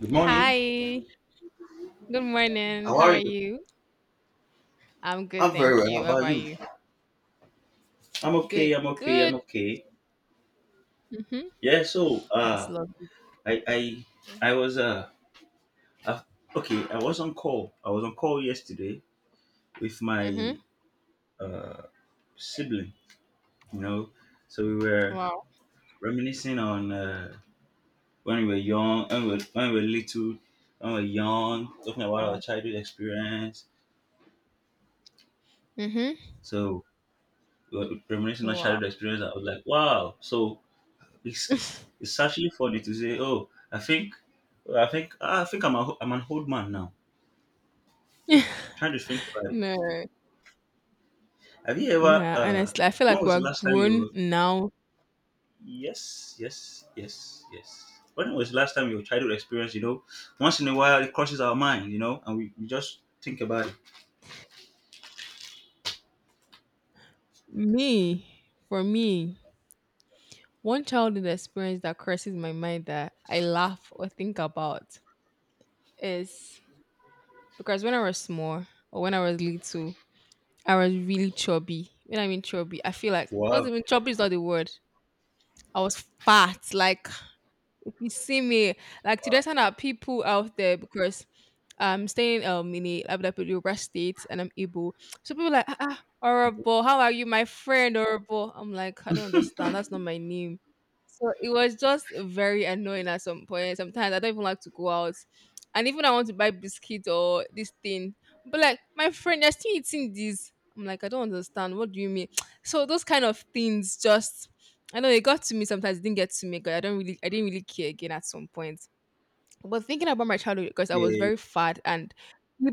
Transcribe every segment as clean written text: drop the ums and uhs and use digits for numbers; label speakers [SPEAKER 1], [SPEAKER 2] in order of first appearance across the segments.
[SPEAKER 1] Good morning.
[SPEAKER 2] Hi. Good morning.
[SPEAKER 1] How
[SPEAKER 2] How
[SPEAKER 1] are
[SPEAKER 2] are
[SPEAKER 1] you?
[SPEAKER 2] you? I'm good,
[SPEAKER 1] I'm very
[SPEAKER 2] thank
[SPEAKER 1] well. How
[SPEAKER 2] you. How
[SPEAKER 1] about
[SPEAKER 2] about
[SPEAKER 1] you?
[SPEAKER 2] you?
[SPEAKER 1] I'm okay.
[SPEAKER 2] Good. Good. Mhm.
[SPEAKER 1] Yeah. So,
[SPEAKER 2] That's lovely.
[SPEAKER 1] I, I, I
[SPEAKER 2] Mhm.
[SPEAKER 1] was, uh, okay. I was on call. I was on call yesterday with my
[SPEAKER 2] Mhm.
[SPEAKER 1] uh sibling. You know, so we were
[SPEAKER 2] Wow.
[SPEAKER 1] reminiscing on, when we were young, when we were little, when we were young, talking about our
[SPEAKER 2] Wow.
[SPEAKER 1] childhood experience.
[SPEAKER 2] Mhm.
[SPEAKER 1] So we were reminiscing on
[SPEAKER 2] Wow.
[SPEAKER 1] childhood experience. I was like, wow. So it's actually funny to say, oh, I think I'm I'm an old man now. Trying to think about it.
[SPEAKER 2] No.
[SPEAKER 1] Have you ever?
[SPEAKER 2] Nah, honestly, I feel
[SPEAKER 1] When
[SPEAKER 2] like
[SPEAKER 1] was
[SPEAKER 2] we're
[SPEAKER 1] the last time you?
[SPEAKER 2] grown
[SPEAKER 1] Were-
[SPEAKER 2] now.
[SPEAKER 1] Yes, yes, yes, yes. When was the last time your childhood experience? You know, once in a while it crosses our mind. You know, and we just think about it.
[SPEAKER 2] Me, for me, one childhood experience that crosses my mind that I laugh or think about is because when I was small or when I was little, I was really chubby. When I mean chubby, I feel like not
[SPEAKER 1] Wow.
[SPEAKER 2] even chubby is not the word. I was fat, like you see me like to the of people out there because I'm staying in a Abu Yoruba state and I'm Igbo. So people like, ah, ah, horrible. How are you, my friend? Horrible. I'm like, I don't understand. That's not my name. So it was just very annoying at some point. Sometimes I don't even like to go out. And even I want to buy biscuit or this thing. But like, my friend, you're still eating this. I'm like, I don't understand. What do you mean? So those kind of things just I know it got to me sometimes, it didn't get to me 'cause I didn't really care again at some point. But thinking about my childhood, because I was
[SPEAKER 1] Yeah.
[SPEAKER 2] very fat and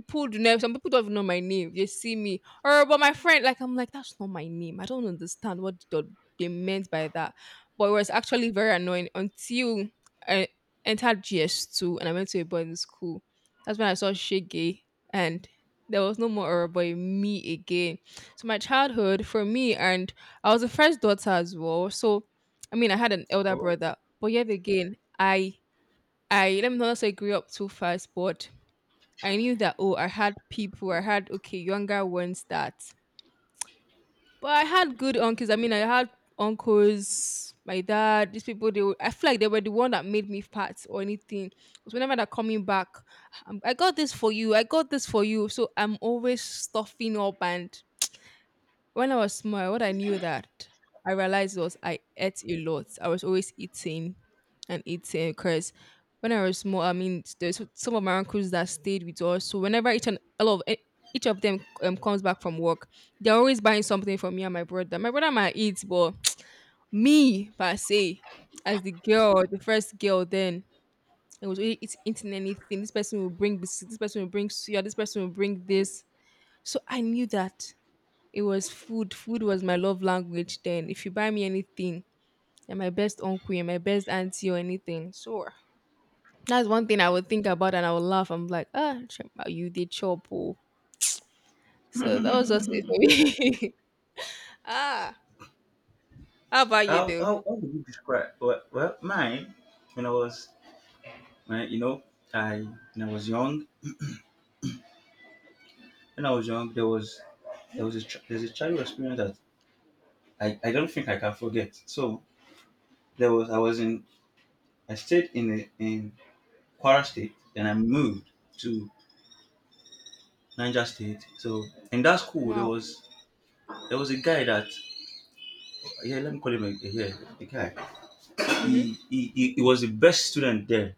[SPEAKER 2] people do know some people don't even know my name. They see me. Or but my friend, like I'm like, that's not my name. I don't understand what they meant by that. But it was actually very annoying until I entered GS2 and I went to a boarding school. That's when I saw Shege and there was no more Oroboy me again. So my childhood for me and I was the first daughter as well. So I mean I had an elder
[SPEAKER 1] Oh.
[SPEAKER 2] brother. But yet again, I let me not say grew up too fast, but I knew that oh, I had people, I had okay, younger ones that but I had good uncles. I mean I had uncles, my dad, these people they were, I feel like they were the one that made me fat or anything. Because whenever they're coming back, I got this for you, I got this for you. So I'm always stuffing up and when I was small, what I knew that I realized was I ate a lot. I was always eating and eating because when I was small, I mean, there's some of my uncles that stayed with us. So whenever each and a lot of each of them comes back from work, they're always buying something for me and my brother. My brother might eat, but me per se, as the girl, the first girl, then I was always eating anything. This person will bring biscuits. This person will bring suya. This person will bring this. So I knew that. It was food. Food was my love language then. If you buy me anything, you're my best uncle, you're my best auntie or anything. So that's one thing I would think about and I would laugh. I'm like, ah, Chima, you did chop. Oh." So that was just it for me. ah, how about you
[SPEAKER 1] How,
[SPEAKER 2] do?
[SPEAKER 1] how, how would you describe? Well, mine, when I was when you know I when I was young, there was there's a childhood experience that I don't think I can forget. So there was I was in, I stayed in Kwara State, then I moved to Niger State. So in that school
[SPEAKER 2] Wow.
[SPEAKER 1] there was a guy that, yeah let me call him a- yeah, a guy.
[SPEAKER 2] Mm-hmm.
[SPEAKER 1] He was the best student there.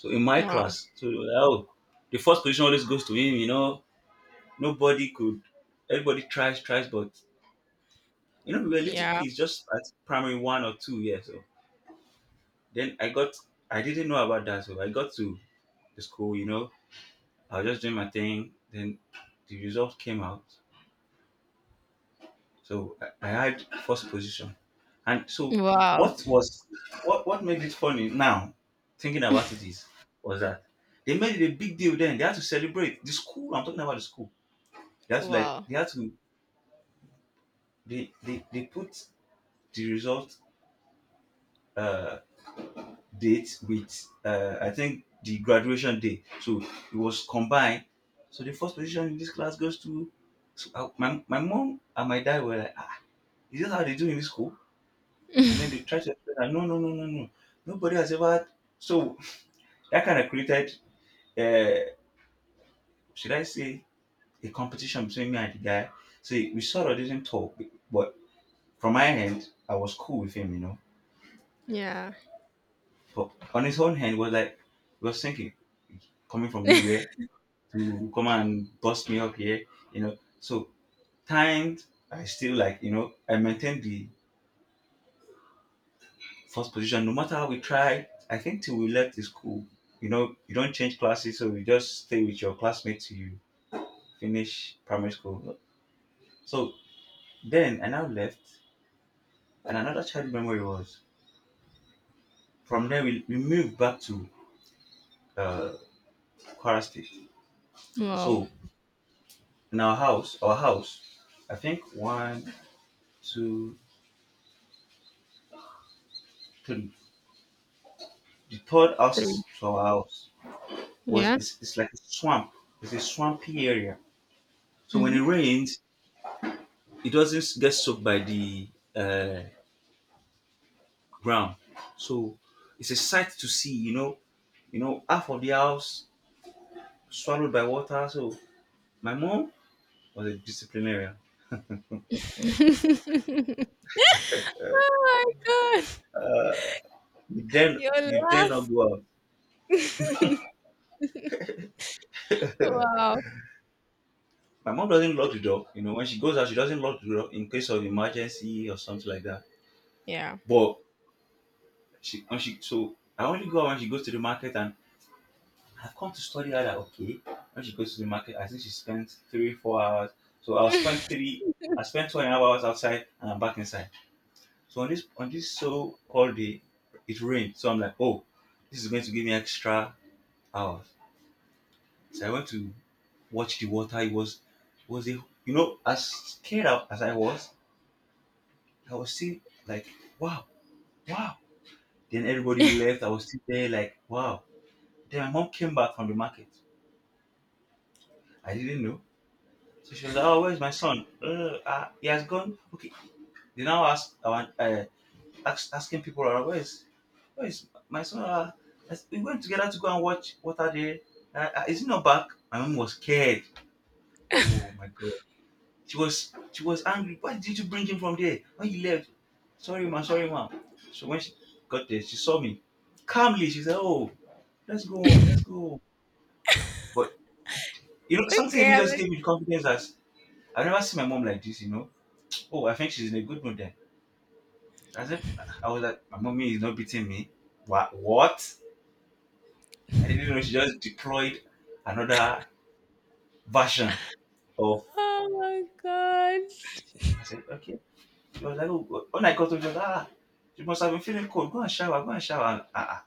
[SPEAKER 1] So in my
[SPEAKER 2] Wow.
[SPEAKER 1] class, so they were like, oh, the first position always goes to him. You know, nobody could, everybody tries, but you know, we were little
[SPEAKER 2] Yeah.
[SPEAKER 1] kids just at primary one or two, yeah. So then I got, I didn't know about that, so I got to the school. You know, I was just doing my thing. Then the result came out. So I had first position. And so
[SPEAKER 2] Wow.
[SPEAKER 1] what was what made it funny now, thinking about it, is was that they made it a big deal then. They had to celebrate. The school, I'm talking about the school. They had to,
[SPEAKER 2] Wow.
[SPEAKER 1] they put the result, uh date with, uh, I think the graduation day. So it was combined. So the first position in this class goes to, so I, my mom and my dad were like, "Ah, is this how they do in this school?" And then they try to explain that no, no, no, no, no. Nobody has ever had. So that kind of created, uh, should I say, a competition between me and the guy. So we sort of didn't talk, but from my end, I was cool with him, you know.
[SPEAKER 2] Yeah.
[SPEAKER 1] But on his own hand, was like, he was thinking, coming from nowhere to come and bust me up here, you know. So timed, I still like, you know, I maintained the first position. No matter how we try, I think till we left the school, you know, you don't change classes, so you just stay with your classmates till you finish primary school. So then I now left, and another child memory was, from there we moved back to, uh, Kwara State.
[SPEAKER 2] Wow.
[SPEAKER 1] So in our house, I think one, two, three. The third house
[SPEAKER 2] Three.
[SPEAKER 1] to our house was,
[SPEAKER 2] Yeah.
[SPEAKER 1] it's like a swamp. It's a swampy area. So when it
[SPEAKER 2] Hmm.
[SPEAKER 1] rains, it doesn't get soaked by the, uh, ground. So it's a sight to see, you know, half of the house swallowed by water. So my mom was a disciplinarian.
[SPEAKER 2] Oh my God.
[SPEAKER 1] You then
[SPEAKER 2] Your
[SPEAKER 1] you dare not
[SPEAKER 2] laugh.
[SPEAKER 1] go out.
[SPEAKER 2] Wow.
[SPEAKER 1] My mom doesn't lock the door. You know, when she goes out, she doesn't lock the door in case of emergency or something like that.
[SPEAKER 2] Yeah.
[SPEAKER 1] But she when she so I only go out when she goes to the market, and I've come to study her that okay. When she goes to the market, I think she spends 3, 4 hours. So I spend 2.5 hours outside, and I'm back inside. So on this so called day, it rained. So I'm like, oh, this is going to give me extra hours. So I went to watch the water. It was, a you know, as scared out as I was still like, wow, wow. Then everybody left. I was still there like, wow. Then my mom came back from the market. I didn't know. So she was like, oh, where's my son? He has gone. Okay. They now asked our, asking people around, where is my son? As- we went together to go and watch Water Day. Is he not back? My mom was scared. Oh my god. She was angry. Why did you bring him from there? When he left, sorry ma, sorry ma. So when she got there, she saw me. Calmly, she said, "Oh, let's go home, let's go home." But you know, something in
[SPEAKER 2] Okay,
[SPEAKER 1] me
[SPEAKER 2] I'm
[SPEAKER 1] just
[SPEAKER 2] like,
[SPEAKER 1] gave me the confidence that I've never seen my mom like this. You know, oh, I think she's in a good mood then. I said, I was like, my mommy is not beating me. What? What? I didn't know she just deployed another version of.
[SPEAKER 2] "Oh my gosh."
[SPEAKER 1] I said, okay. She was like, oh, when I got to she was like, ah, you must have been feeling cold. Go and shower, go and shower. Ah, ah.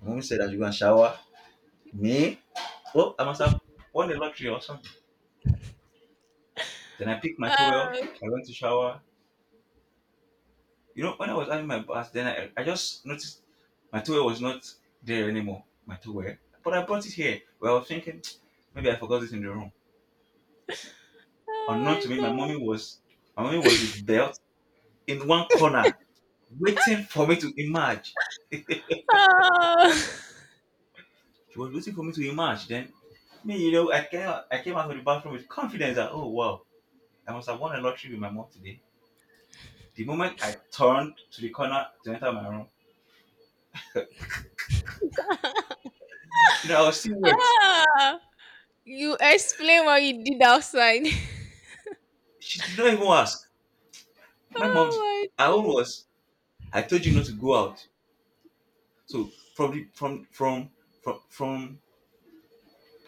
[SPEAKER 1] Mommy said that you go and shower. Me? Oh, I must have won the lottery or something. Then I picked my towel.
[SPEAKER 2] Uh,
[SPEAKER 1] I went to shower. You know, when I was having my bath, then I just noticed my towel was not there anymore. My towel. But I brought it here. Well, I was thinking, maybe I forgot it in the room. Unknown to
[SPEAKER 2] oh
[SPEAKER 1] me,
[SPEAKER 2] my god.
[SPEAKER 1] my mommy was with belt in one corner waiting for me to emerge.
[SPEAKER 2] Oh.
[SPEAKER 1] She was waiting for me to emerge. Then me, you know, I came out of the bathroom with confidence that, oh wow, I must have won a lottery with my mom today. The moment I turned to the corner to enter my room, you know, I was still wet.
[SPEAKER 2] Ah. You explain what you did outside.
[SPEAKER 1] She did not even ask. My
[SPEAKER 2] Oh
[SPEAKER 1] mom did, her own
[SPEAKER 2] my god.
[SPEAKER 1] was, I told you not to go out. So from the from from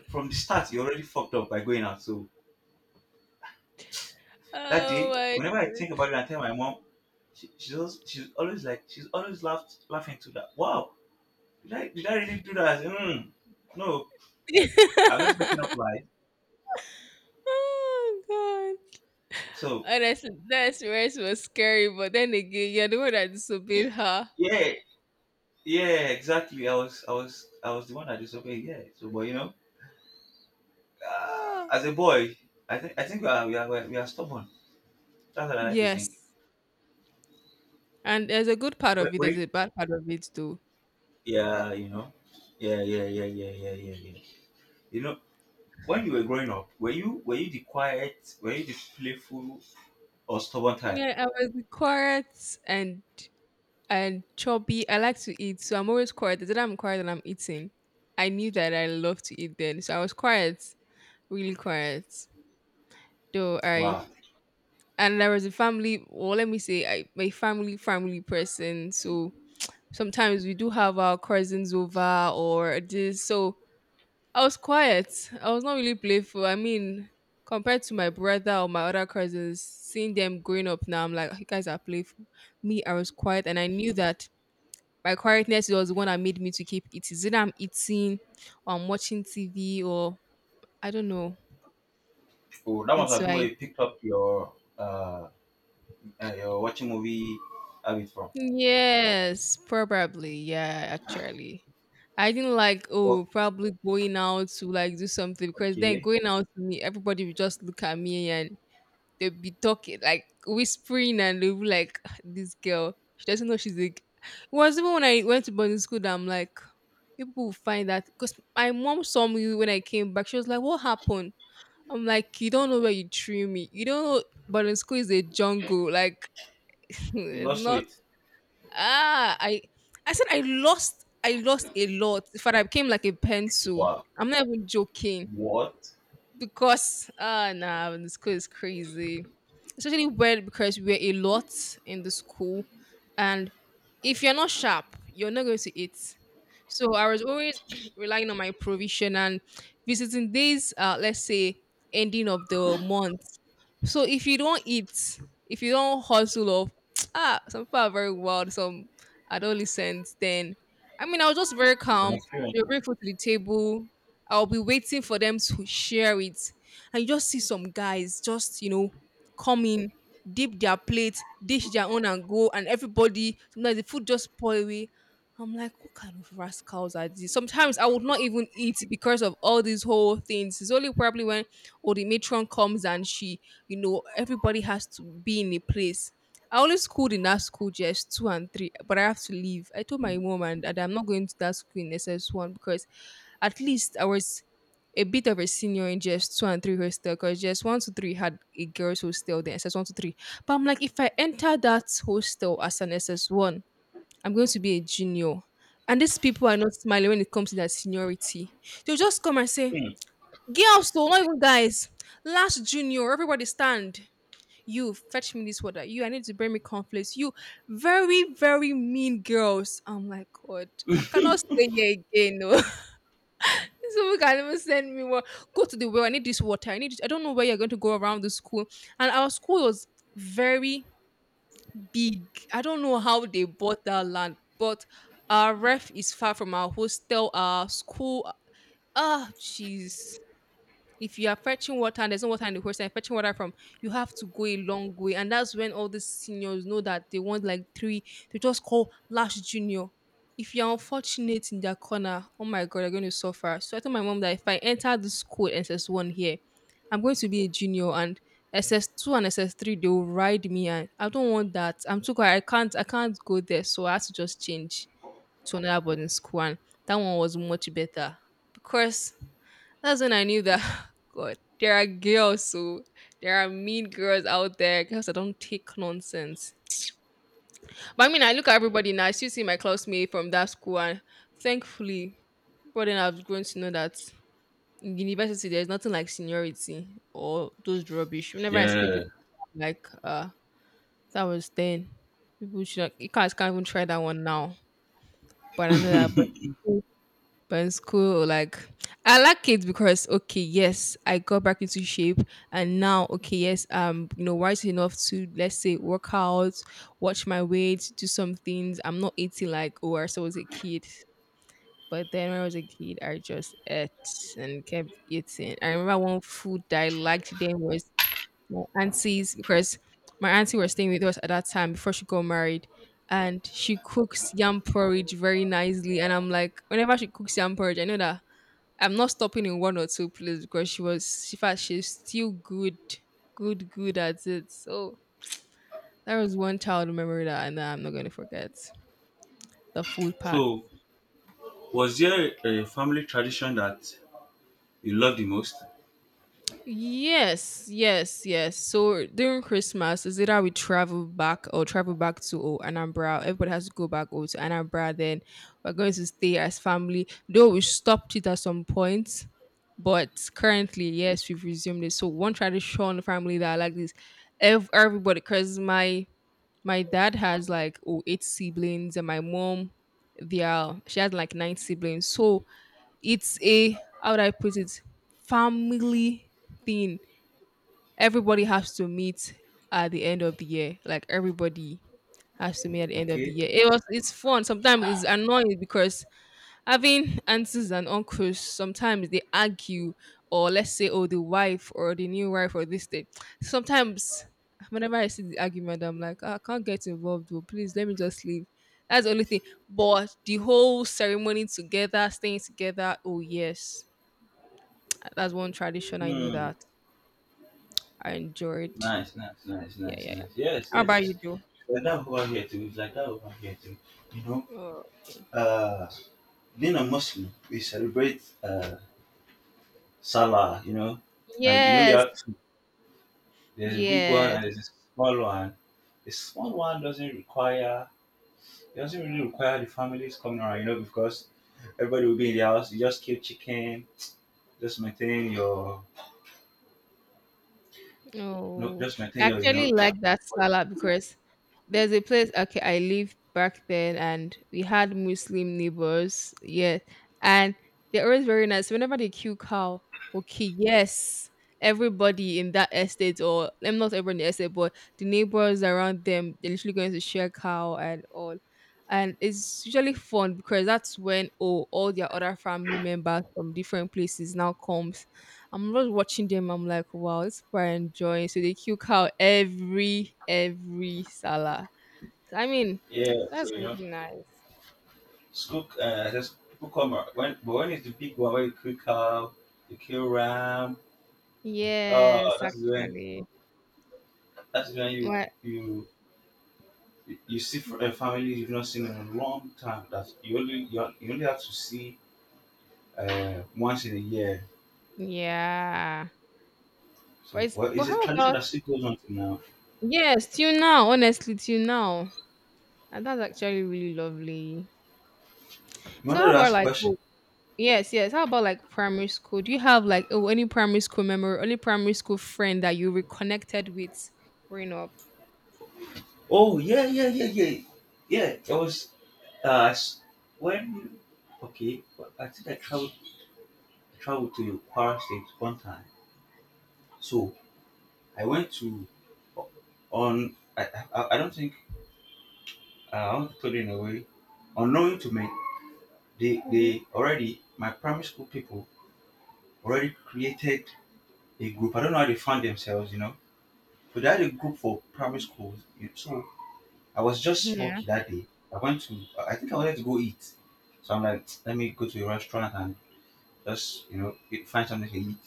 [SPEAKER 1] from the start, you already fucked up by going out. So that
[SPEAKER 2] Oh
[SPEAKER 1] day,
[SPEAKER 2] my
[SPEAKER 1] whenever I think about
[SPEAKER 2] god.
[SPEAKER 1] it, I tell my mom, she just she's always like she's always laughed laughing to that. Wow, did I really do that? Mm, no, I'm just making up lies.
[SPEAKER 2] Oh god.
[SPEAKER 1] So
[SPEAKER 2] Honestly, that experience was scary, but then again, you're the one that
[SPEAKER 1] y-
[SPEAKER 2] disobeyed her.
[SPEAKER 1] yeah, yeah, exactly. I was the one that disobeyed. Yeah. So, but you know,
[SPEAKER 2] Ah.
[SPEAKER 1] as a boy, I think we are, we are stubborn. That's what I like to think.
[SPEAKER 2] Yes. And there's a good part
[SPEAKER 1] Wait,
[SPEAKER 2] of it, there's
[SPEAKER 1] wait.
[SPEAKER 2] a bad part of it too.
[SPEAKER 1] Yeah, you know. Yeah, yeah, yeah, yeah, yeah, yeah, yeah. You know, when you were growing up, were you the playful or stubborn type?
[SPEAKER 2] Yeah, I was the quiet and chubby. I like to eat, so I'm always quiet. The day that I'm quiet and I'm eating, I knew that I love to eat then. So I was quiet, really quiet. Though I
[SPEAKER 1] Wow.
[SPEAKER 2] and there was a family, or let me say, I my family family person. So sometimes we do have our cousins over or this. So I was quiet. I was not really playful. I mean, compared to my brother or my other cousins, seeing them growing up now, I'm like, you guys are playful. Me, I was quiet, and I knew that my quietness was the one that made me to keep it. Is it. I'm eating or I'm watching TV or I don't know.
[SPEAKER 1] Oh, that
[SPEAKER 2] And
[SPEAKER 1] must have
[SPEAKER 2] so
[SPEAKER 1] been where
[SPEAKER 2] I
[SPEAKER 1] you picked up your watching movie habit from.
[SPEAKER 2] yes, probably. Yeah, actually. I didn't like
[SPEAKER 1] Well,
[SPEAKER 2] oh probably going out to like do something because then
[SPEAKER 1] okay.
[SPEAKER 2] going out to me, everybody would just look at me and they'll be talking like whispering and they'll be like, "Ah, this girl, she doesn't know she's like." It was even when I went to boarding school that I'm like people will find that because my mom saw me when I came back. She was like, "What happened?" I'm like, you don't know where you threw me. You don't know, but in school is a jungle. Like,
[SPEAKER 1] You
[SPEAKER 2] it's
[SPEAKER 1] lost
[SPEAKER 2] not.
[SPEAKER 1] weight.
[SPEAKER 2] Ah, I said I lost. I lost a lot. In fact, I became like a pencil.
[SPEAKER 1] Wow.
[SPEAKER 2] I'm not even joking
[SPEAKER 1] What?
[SPEAKER 2] because nah, the school is crazy, especially when because we're a lot in the school, and if you're not sharp, you're not going to eat. So I was always relying on my provision and visiting days. Let's say ending of the month. So if you don't eat, if you don't hustle off, some people are very wild. Some adolescents. Then, I mean, I was just very
[SPEAKER 1] From
[SPEAKER 2] calm.
[SPEAKER 1] experience.
[SPEAKER 2] You bring food to the table. I'll be waiting for them to share it. And you just see some guys just, come in, dip their plate, dish their own and go, and everybody, sometimes the food just pour away. I'm like, what kind of rascals are these? Sometimes I would not even eat because of all these whole things. It's only probably when or the matron comes and she, everybody has to be in a place. I always schooled in that school just two and three, but I have to leave. I told my mom and dad I'm not going to that school in SS1 because at least I was a bit of a senior in GS2 and 3 hostel because GS1 to 3 had a girls' hostel, then SS1 to 3. But I'm like, if I enter that hostel as an SS1, I'm going to be a junior. And these people are not smiling when it comes to their seniority. They'll just come and say,
[SPEAKER 1] Hmm.
[SPEAKER 2] "Girls," so not even guys. "Last junior, everybody stand. You fetch me this water. You, I need to bring me conflicts. You," very, very mean girls. I'm like, God, I cannot stay here again. No. Someone can even send me, what, go to the well. I need this water. I need this. I don't know where you're going to go around the school. And our school was very big. I don't know how they bought that land, but our ref is far from our hostel, our school. Ah, jeez. If you are fetching water and there's no water in the host and fetching water from, you have to go a long way. And that's when all these seniors know that they want like three to just call last junior. If you're unfortunate in their corner, oh my god, you're going to suffer. So I told my mom that if I enter this school SS1 here, I'm going to be a junior and SS2 and SS3 they'll ride me and I don't want that. I'm too quiet. I can't go there. So I had to just change to another boarding school and that one was much better. Because that's when I knew that God, there are mean girls out there, girls that don't take nonsense. But I mean I look at everybody now, I still see my classmate from that school and thankfully, but then I've grown to know that in university there's nothing like seniority or those rubbish. Whenever I see people
[SPEAKER 1] Yeah.
[SPEAKER 2] like that was then. People should not, you guys can't even try that one now. But I know that But in school, like I like it because okay, yes, I got back into shape, and now okay, yes, wise enough to let's say work out, watch my weight, do some things. I'm not eating like oh, I was a kid. But then when I was a kid, I just ate and kept eating. I remember one food that I liked then was my auntie's because my auntie was staying with us at that time before she got married and she cooks yam porridge very nicely. And I'm like, whenever she cooks yam porridge, I know that I'm not stopping in one or two plays because she was she fact she's still good at it. So that was one child memory that I know I'm not gonna forget. The food part.
[SPEAKER 1] So, was there a family tradition that you love the most?
[SPEAKER 2] Yes, yes, yes. So during Christmas, is either we travel back or travel back to Anambra. Everybody has to go back to Anambra. Then we're going to stay as family. Though we stopped it at some point, but currently, yes, we've resumed it. So one tradition family that I like is everybody because my dad has like eight siblings, and my mom, they are she has like nine siblings. So it's a, how would I put it, family thing. Everybody has to meet at the end of the year. Like everybody has to meet at the end of the
[SPEAKER 1] Okay.
[SPEAKER 2] year. It's fun. Sometimes it's annoying because having aunties and uncles sometimes they argue or let's say the wife or the new wife or this thing sometimes whenever I see the argument I'm like, "Ah, I can't get involved please let me just leave. That's the only thing. But the whole ceremony, together, staying together, oh yes, that's one tradition I know
[SPEAKER 1] Hmm.
[SPEAKER 2] that I enjoyed.
[SPEAKER 1] Nice, nice, nice,
[SPEAKER 2] Yeah,
[SPEAKER 1] nice,
[SPEAKER 2] yeah, yeah.
[SPEAKER 1] nice. Yes,
[SPEAKER 2] How
[SPEAKER 1] yes.
[SPEAKER 2] about you,
[SPEAKER 1] It's
[SPEAKER 2] Joe?
[SPEAKER 1] it's like that over here too. It's like that over here too. You know,
[SPEAKER 2] Oh, okay.
[SPEAKER 1] uh, being a Muslim, we celebrate, Salah. You know, and you know, we
[SPEAKER 2] Yes,
[SPEAKER 1] have, there's a big one
[SPEAKER 2] yes.
[SPEAKER 1] and there's a small one. The small one doesn't require, it doesn't really require the families coming around, you know, because everybody will be in the house. You just kill chicken, just maintain your, no,
[SPEAKER 2] Oh,
[SPEAKER 1] just maintain
[SPEAKER 2] I
[SPEAKER 1] your, you
[SPEAKER 2] actually
[SPEAKER 1] know.
[SPEAKER 2] like that salad because there's a place, okay, I lived back then and we had Muslim neighbors. Yeah. And they're always very nice. Whenever they kill cow, okay, yes, everybody in that estate, or I'm not everyone in the estate, but the neighbors around them, they're literally going to share cow and all. And it's usually fun because that's when all their other family members from different places now comes. I'm just watching them. I'm like, wow, it's quite enjoying. So they kill cow every Salah. So, I mean,
[SPEAKER 1] Yeah, so
[SPEAKER 2] that's
[SPEAKER 1] you
[SPEAKER 2] really
[SPEAKER 1] know,
[SPEAKER 2] nice.
[SPEAKER 1] school. Just people come, when, but when it's the big one, when you kill cow, you kill ram.
[SPEAKER 2] Yes,
[SPEAKER 1] That's when
[SPEAKER 2] actually.
[SPEAKER 1] that's when you
[SPEAKER 2] What?
[SPEAKER 1] you you see a family you've not seen in a long time. That you only you only have to see, once in a year.
[SPEAKER 2] Yeah. But
[SPEAKER 1] So, well, it's a
[SPEAKER 2] how
[SPEAKER 1] tradition
[SPEAKER 2] about,
[SPEAKER 1] that still goes on till now.
[SPEAKER 2] yes, till now, honestly, till now. And that's actually really lovely.
[SPEAKER 1] You
[SPEAKER 2] So
[SPEAKER 1] wanted
[SPEAKER 2] how
[SPEAKER 1] to
[SPEAKER 2] about
[SPEAKER 1] ask a
[SPEAKER 2] like
[SPEAKER 1] question.
[SPEAKER 2] yes, yes, how about like primary school? Do you have like any primary school memory, any primary school friend that you reconnected with growing up?
[SPEAKER 1] Oh yeah. I was s- when okay. Well, I think I traveled traveled to Kwara State one time. So I went to on. I don't think, I want to put it in a way. Unknowing to me,
[SPEAKER 2] Mhm.
[SPEAKER 1] they already my primary school people already created a group. I don't know how they found themselves, you know. But they had a group for primary schools. So I was just
[SPEAKER 2] Yeah.
[SPEAKER 1] lucky that day. I went to, I think I wanted to go eat. So I'm like, let me go to a restaurant and eat- find something to eat.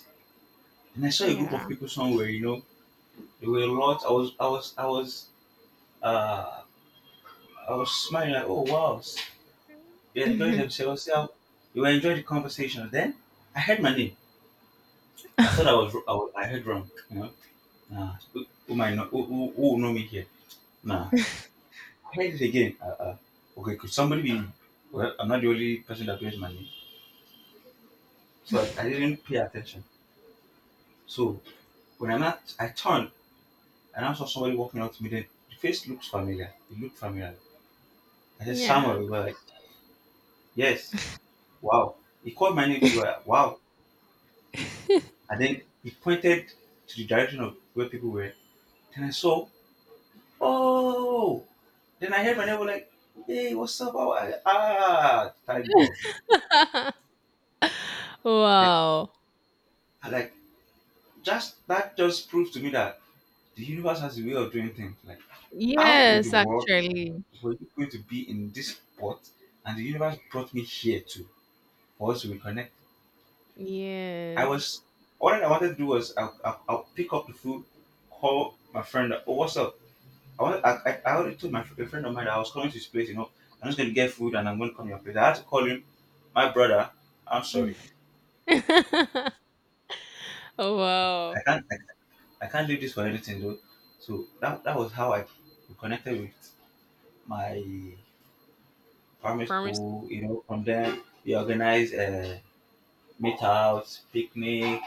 [SPEAKER 1] And I saw a group of
[SPEAKER 2] Yeah.
[SPEAKER 1] people somewhere, there were a lot. Uh, I was smiling like, oh wow, they enjoyed
[SPEAKER 2] Mhm.
[SPEAKER 1] themselves. Yeah, they were enjoying the conversation. Then I heard my name. I thought I heard wrong, you know. Nah, who might know, who will know me here? Nah, I heard it again. Okay, could somebody be? Well, I'm not the only person that hears my name. So I didn't pay attention. So when I not, I turned and I saw somebody walking up to me. Then the face looks familiar. It looked familiar. I said, Samuel,
[SPEAKER 2] Yeah.
[SPEAKER 1] we were like, yes, wow. He called my name to her, wow. And then he pointed to the direction of where people were. Then I saw, oh. Then I heard my neighbor like, "Hey, what's up? How are you?" Ah, thank God. Like,
[SPEAKER 2] Wow.
[SPEAKER 1] I like just that just proves to me that the universe has a way of doing things. Like, how in the
[SPEAKER 2] Yes,
[SPEAKER 1] world
[SPEAKER 2] actually.
[SPEAKER 1] we're going to be in this spot, and the universe brought me here too for us to reconnect. I was
[SPEAKER 2] Yes.
[SPEAKER 1] all that I wanted to do was I'll pick up the food, call my friend. Oh, what's up? I, I already told my a friend of mine that I was coming to his place. You know, I'm just going to get food and I'm going to come to your place. I had to call him, my brother. I'm sorry,
[SPEAKER 2] Oh,
[SPEAKER 1] I
[SPEAKER 2] wow.
[SPEAKER 1] can't I, I can't do this for anything though. So that was how I reconnected with my primary
[SPEAKER 2] Promise.
[SPEAKER 1] school. You know, from there we organized meetouts, picnic,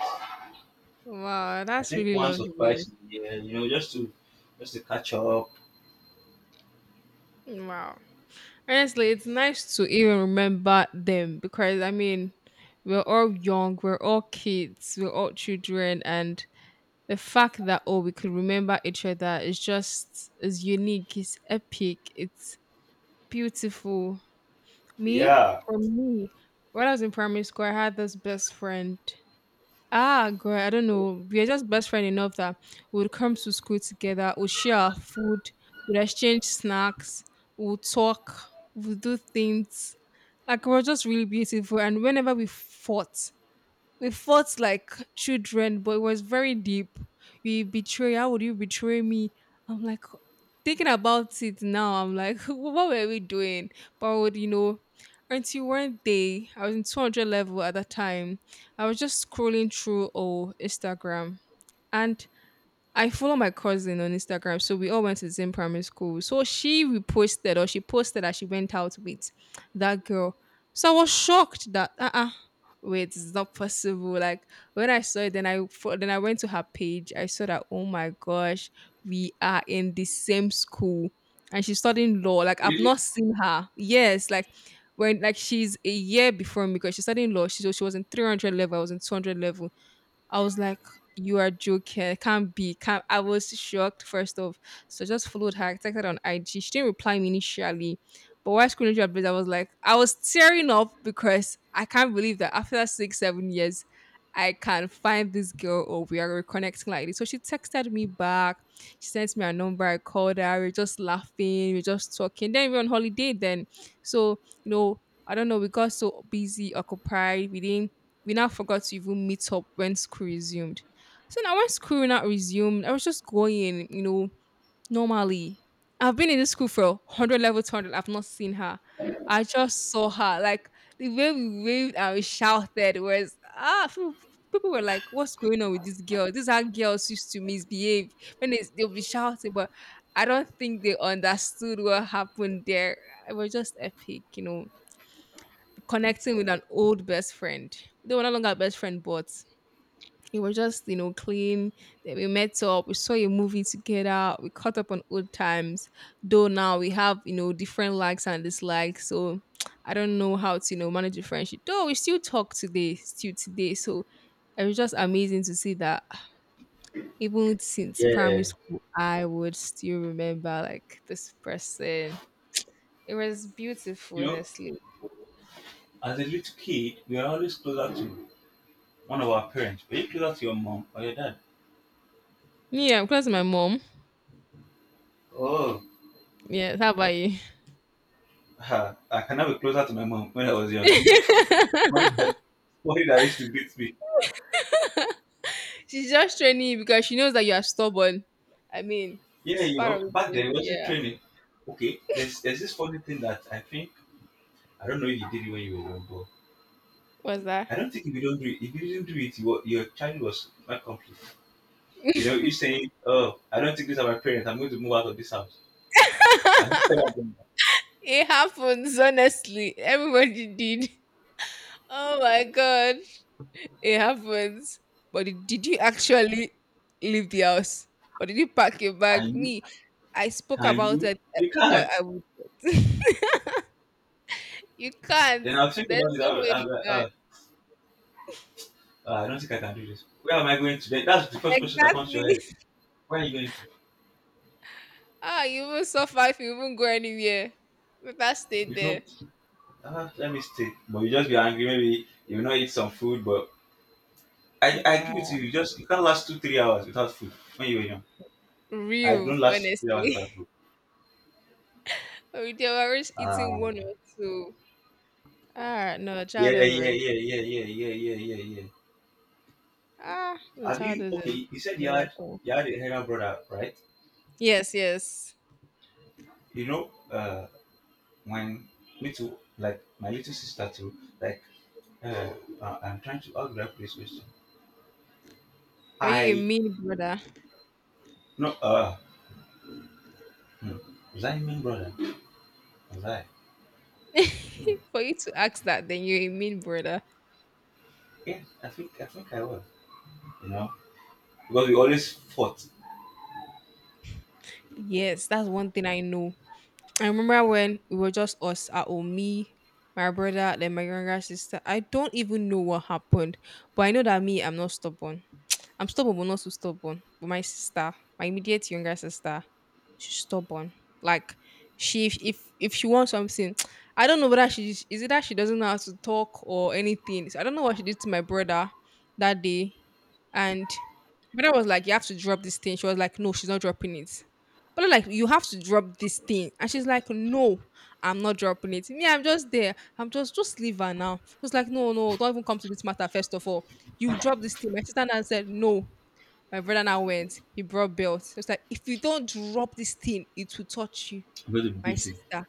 [SPEAKER 2] Wow,
[SPEAKER 1] I
[SPEAKER 2] that's
[SPEAKER 1] think
[SPEAKER 2] really
[SPEAKER 1] once or twice
[SPEAKER 2] lovely.
[SPEAKER 1] in a year, you know, just to catch up.
[SPEAKER 2] Wow. Honestly, it's nice to even remember them because I mean, we're all young, we're all kids, we're all children, and the fact that we could remember each other is just is unique, it's epic, it's beautiful. Me,
[SPEAKER 1] Yeah,
[SPEAKER 2] for me, when I was in primary school, I had this best friend. Ah, girl, I don't know. We are just best friend enough that we would come to school together, we'll share our food, we'll exchange snacks, we'll talk, we'll do things. Like, we're just really beautiful. And whenever we fought like children, but it was very deep. You betray, how would you betray me? I'm like, thinking about it now, I'm like, what were we doing? But would you know? Until one day, I was in 200 level at that time. I was just scrolling through Instagram, and I follow my cousin on Instagram, so we all went to the same primary school. So she reposted or she posted that she went out with that girl. So I was shocked that wait, it's not possible. Like when I saw it, then then I went to her page. I saw that, oh my gosh, we are in the same school, and she's studying law. Like, I've
[SPEAKER 1] really.
[SPEAKER 2] not seen her. Yes, like, when like she's a year before me because she's studying law. She so she was in 300 level. I was in 200 level. I was like, you are joking. It can't be. Can't. I was shocked, first off. So I just followed her, I texted her on IG. She didn't reply me initially. But while scrolling through her page, I was like, I was tearing up because I can't believe that after six, 7 years, I can find this girl or we are reconnecting like this. So she texted me back. She sent me her number. I called her. We are just laughing. We are just talking. Then we are on holiday then. So, you know, I don't know, we got so busy, occupied. We didn't, we now forgot to even meet up when school resumed. So now when school not resumed, I was just going, you know, normally. I've been in this school for 100 level, 200. I've not seen her. I just saw her. Like, the way we waved and we shouted was, ah, people were like, what's going on with this girl? This is how girls used to misbehave when they'll be shouting. But I don't think they understood what happened there. It was just epic, you know, connecting with an old best friend. They were no longer best friend, but it was just, you know, clean. Then we met up, we saw a movie together, we caught up on old times. Though now we have, you know, different likes and dislikes. So I don't know how to, you know, manage a friendship. Though we still talk today, still today. So it was just amazing to see that even since primary
[SPEAKER 1] Yeah,
[SPEAKER 2] school, I would still remember like this person. It was beautiful,
[SPEAKER 1] you know,
[SPEAKER 2] honestly.
[SPEAKER 1] as a little kid, we are always closer to one of our parents. Were you closer to your mom or your dad?
[SPEAKER 2] Yeah, because my mom.
[SPEAKER 1] Oh,
[SPEAKER 2] Yeah, how about you?
[SPEAKER 1] ha, I cannot be closer to my mom when I was young. Worried that, worried that used to beat me.
[SPEAKER 2] She's just training you because she knows that you are stubborn. I mean,
[SPEAKER 1] Yeah,
[SPEAKER 2] it's
[SPEAKER 1] you
[SPEAKER 2] part
[SPEAKER 1] know,
[SPEAKER 2] of
[SPEAKER 1] back then
[SPEAKER 2] it.
[SPEAKER 1] it wasn't
[SPEAKER 2] Yeah.
[SPEAKER 1] training. Okay, there's this funny thing that I think I don't know if you did it when you were young, but
[SPEAKER 2] What's that?
[SPEAKER 1] I don't think if you don't do it, if you didn't do it, your child was not complete. You know, you saying, "Oh, I don't think these are my parents. I'm going to move out of this house." And you tell them,
[SPEAKER 2] It happens, honestly. Everybody did. Oh my god. It happens. But did you actually leave the house? Or did you pack your bag?
[SPEAKER 1] "Can you?
[SPEAKER 2] Me, I spoke
[SPEAKER 1] Can
[SPEAKER 2] about
[SPEAKER 1] you?
[SPEAKER 2] it, eh,
[SPEAKER 1] You
[SPEAKER 2] but
[SPEAKER 1] can't."
[SPEAKER 2] I would. You can't.
[SPEAKER 1] Then I'll think
[SPEAKER 2] There's
[SPEAKER 1] about
[SPEAKER 2] no
[SPEAKER 1] it. I'll,
[SPEAKER 2] way
[SPEAKER 1] I'll
[SPEAKER 2] you
[SPEAKER 1] be like,
[SPEAKER 2] can.
[SPEAKER 1] I don't think I can do this. Where am I going to?" Then that's the first question that comes to
[SPEAKER 2] Exactly.
[SPEAKER 1] your head. Where are you going to?
[SPEAKER 2] Ah, you even suffer if you even go anywhere. Better stay
[SPEAKER 1] You know,
[SPEAKER 2] there.
[SPEAKER 1] let me stay. But you just be angry. Maybe you will not eat some food. But I
[SPEAKER 2] Yeah.
[SPEAKER 1] give it to you. You just you can't last two, 3 hours without food when you were young. I
[SPEAKER 2] Real,
[SPEAKER 1] don't last 3 hours without
[SPEAKER 2] honestly.
[SPEAKER 1] food.
[SPEAKER 2] We they were always eating
[SPEAKER 1] Uh,
[SPEAKER 2] one or two. Ah, no,
[SPEAKER 1] yeah, yeah,
[SPEAKER 2] childhood was,
[SPEAKER 1] yeah, yeah, yeah, yeah, yeah, yeah, yeah. yeah.
[SPEAKER 2] ah, the
[SPEAKER 1] Have you
[SPEAKER 2] childhood is
[SPEAKER 1] okay? You said you
[SPEAKER 2] another
[SPEAKER 1] had
[SPEAKER 2] thing.
[SPEAKER 1] a elder brother, right?
[SPEAKER 2] Yes, yes.
[SPEAKER 1] You know, when like my little sister too, like uh, I'm trying to how do I put this question?
[SPEAKER 2] Were you a
[SPEAKER 1] I
[SPEAKER 2] mean brother?
[SPEAKER 1] no uh hmm, was I mean brother? Was I?
[SPEAKER 2] For you to ask that, then you're a mean brother.
[SPEAKER 1] Yeah, I think I was. You know, because we always fought
[SPEAKER 2] Yes, that's one thing I know. I remember when we were just us at home, me, my brother, then my younger sister. I don't even know what happened, but I know that me, I'm not stubborn. I'm stubborn, but not so stubborn. But my sister, my immediate younger sister, she's stubborn. Like, she, if she wants something, I don't know whether she is, it that she doesn't know how to talk or anything. So I don't know what she did to my brother that day, and my brother was like, "You have to drop this thing." She was like, "No, she's not dropping it." But I'm like, you have to drop this thing, and she's like, "No, I'm not dropping it." Me, I'm just there. I'm just leave her now. She was like, "No, no, don't even come to this matter first of all." You drop this thing. My sister now said, no. My brother now went. He brought belt. He was like, if you don't drop this thing, it will touch you.
[SPEAKER 1] because of
[SPEAKER 2] My
[SPEAKER 1] beating
[SPEAKER 2] sister.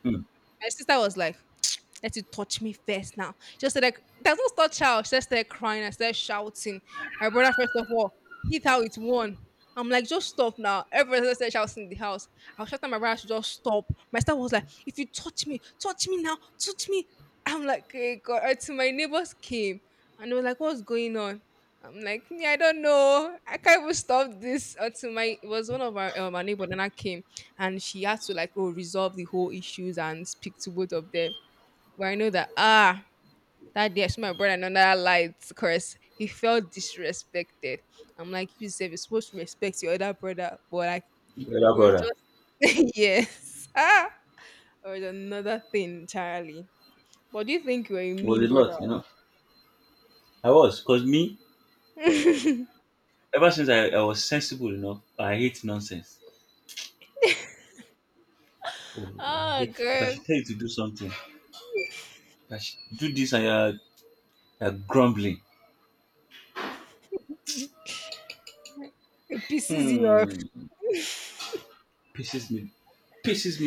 [SPEAKER 2] My sister was like, "Let it touch me first now." Just said, like, does not touch her. She just started crying and started shouting. My brother, first of all, hit her with one. I'm like, just stop now. Everyone started shouting in the house. I was shouting at my brother to just stop. My sister was like, if you touch me now, touch me. I'm like, hey God. Until my neighbors came and they were like, what's going on? I'm like, me, I don't know. I can't even stop this until my it was one of our neighbor then I came and she had to like resolve the whole issues and speak to both of them. But I know that, ah, that day I saw my brother and another light curse, he felt disrespected. I'm like, you said you're supposed to respect your other brother, but like
[SPEAKER 1] elder
[SPEAKER 2] you were
[SPEAKER 1] brother.
[SPEAKER 2] just yes, ah, or another thing entirely. But do you think you're a
[SPEAKER 1] It was
[SPEAKER 2] mean
[SPEAKER 1] a
[SPEAKER 2] brother?
[SPEAKER 1] lot, you know. I was because me ever since I was sensible enough, I hate nonsense. Oh, I
[SPEAKER 2] Oh
[SPEAKER 1] hate if I
[SPEAKER 2] girl,
[SPEAKER 1] should tell you to do something, if I should do this and you're grumbling.
[SPEAKER 2] it pisses you
[SPEAKER 1] Hmm.
[SPEAKER 2] off.
[SPEAKER 1] Pisses me. Piss.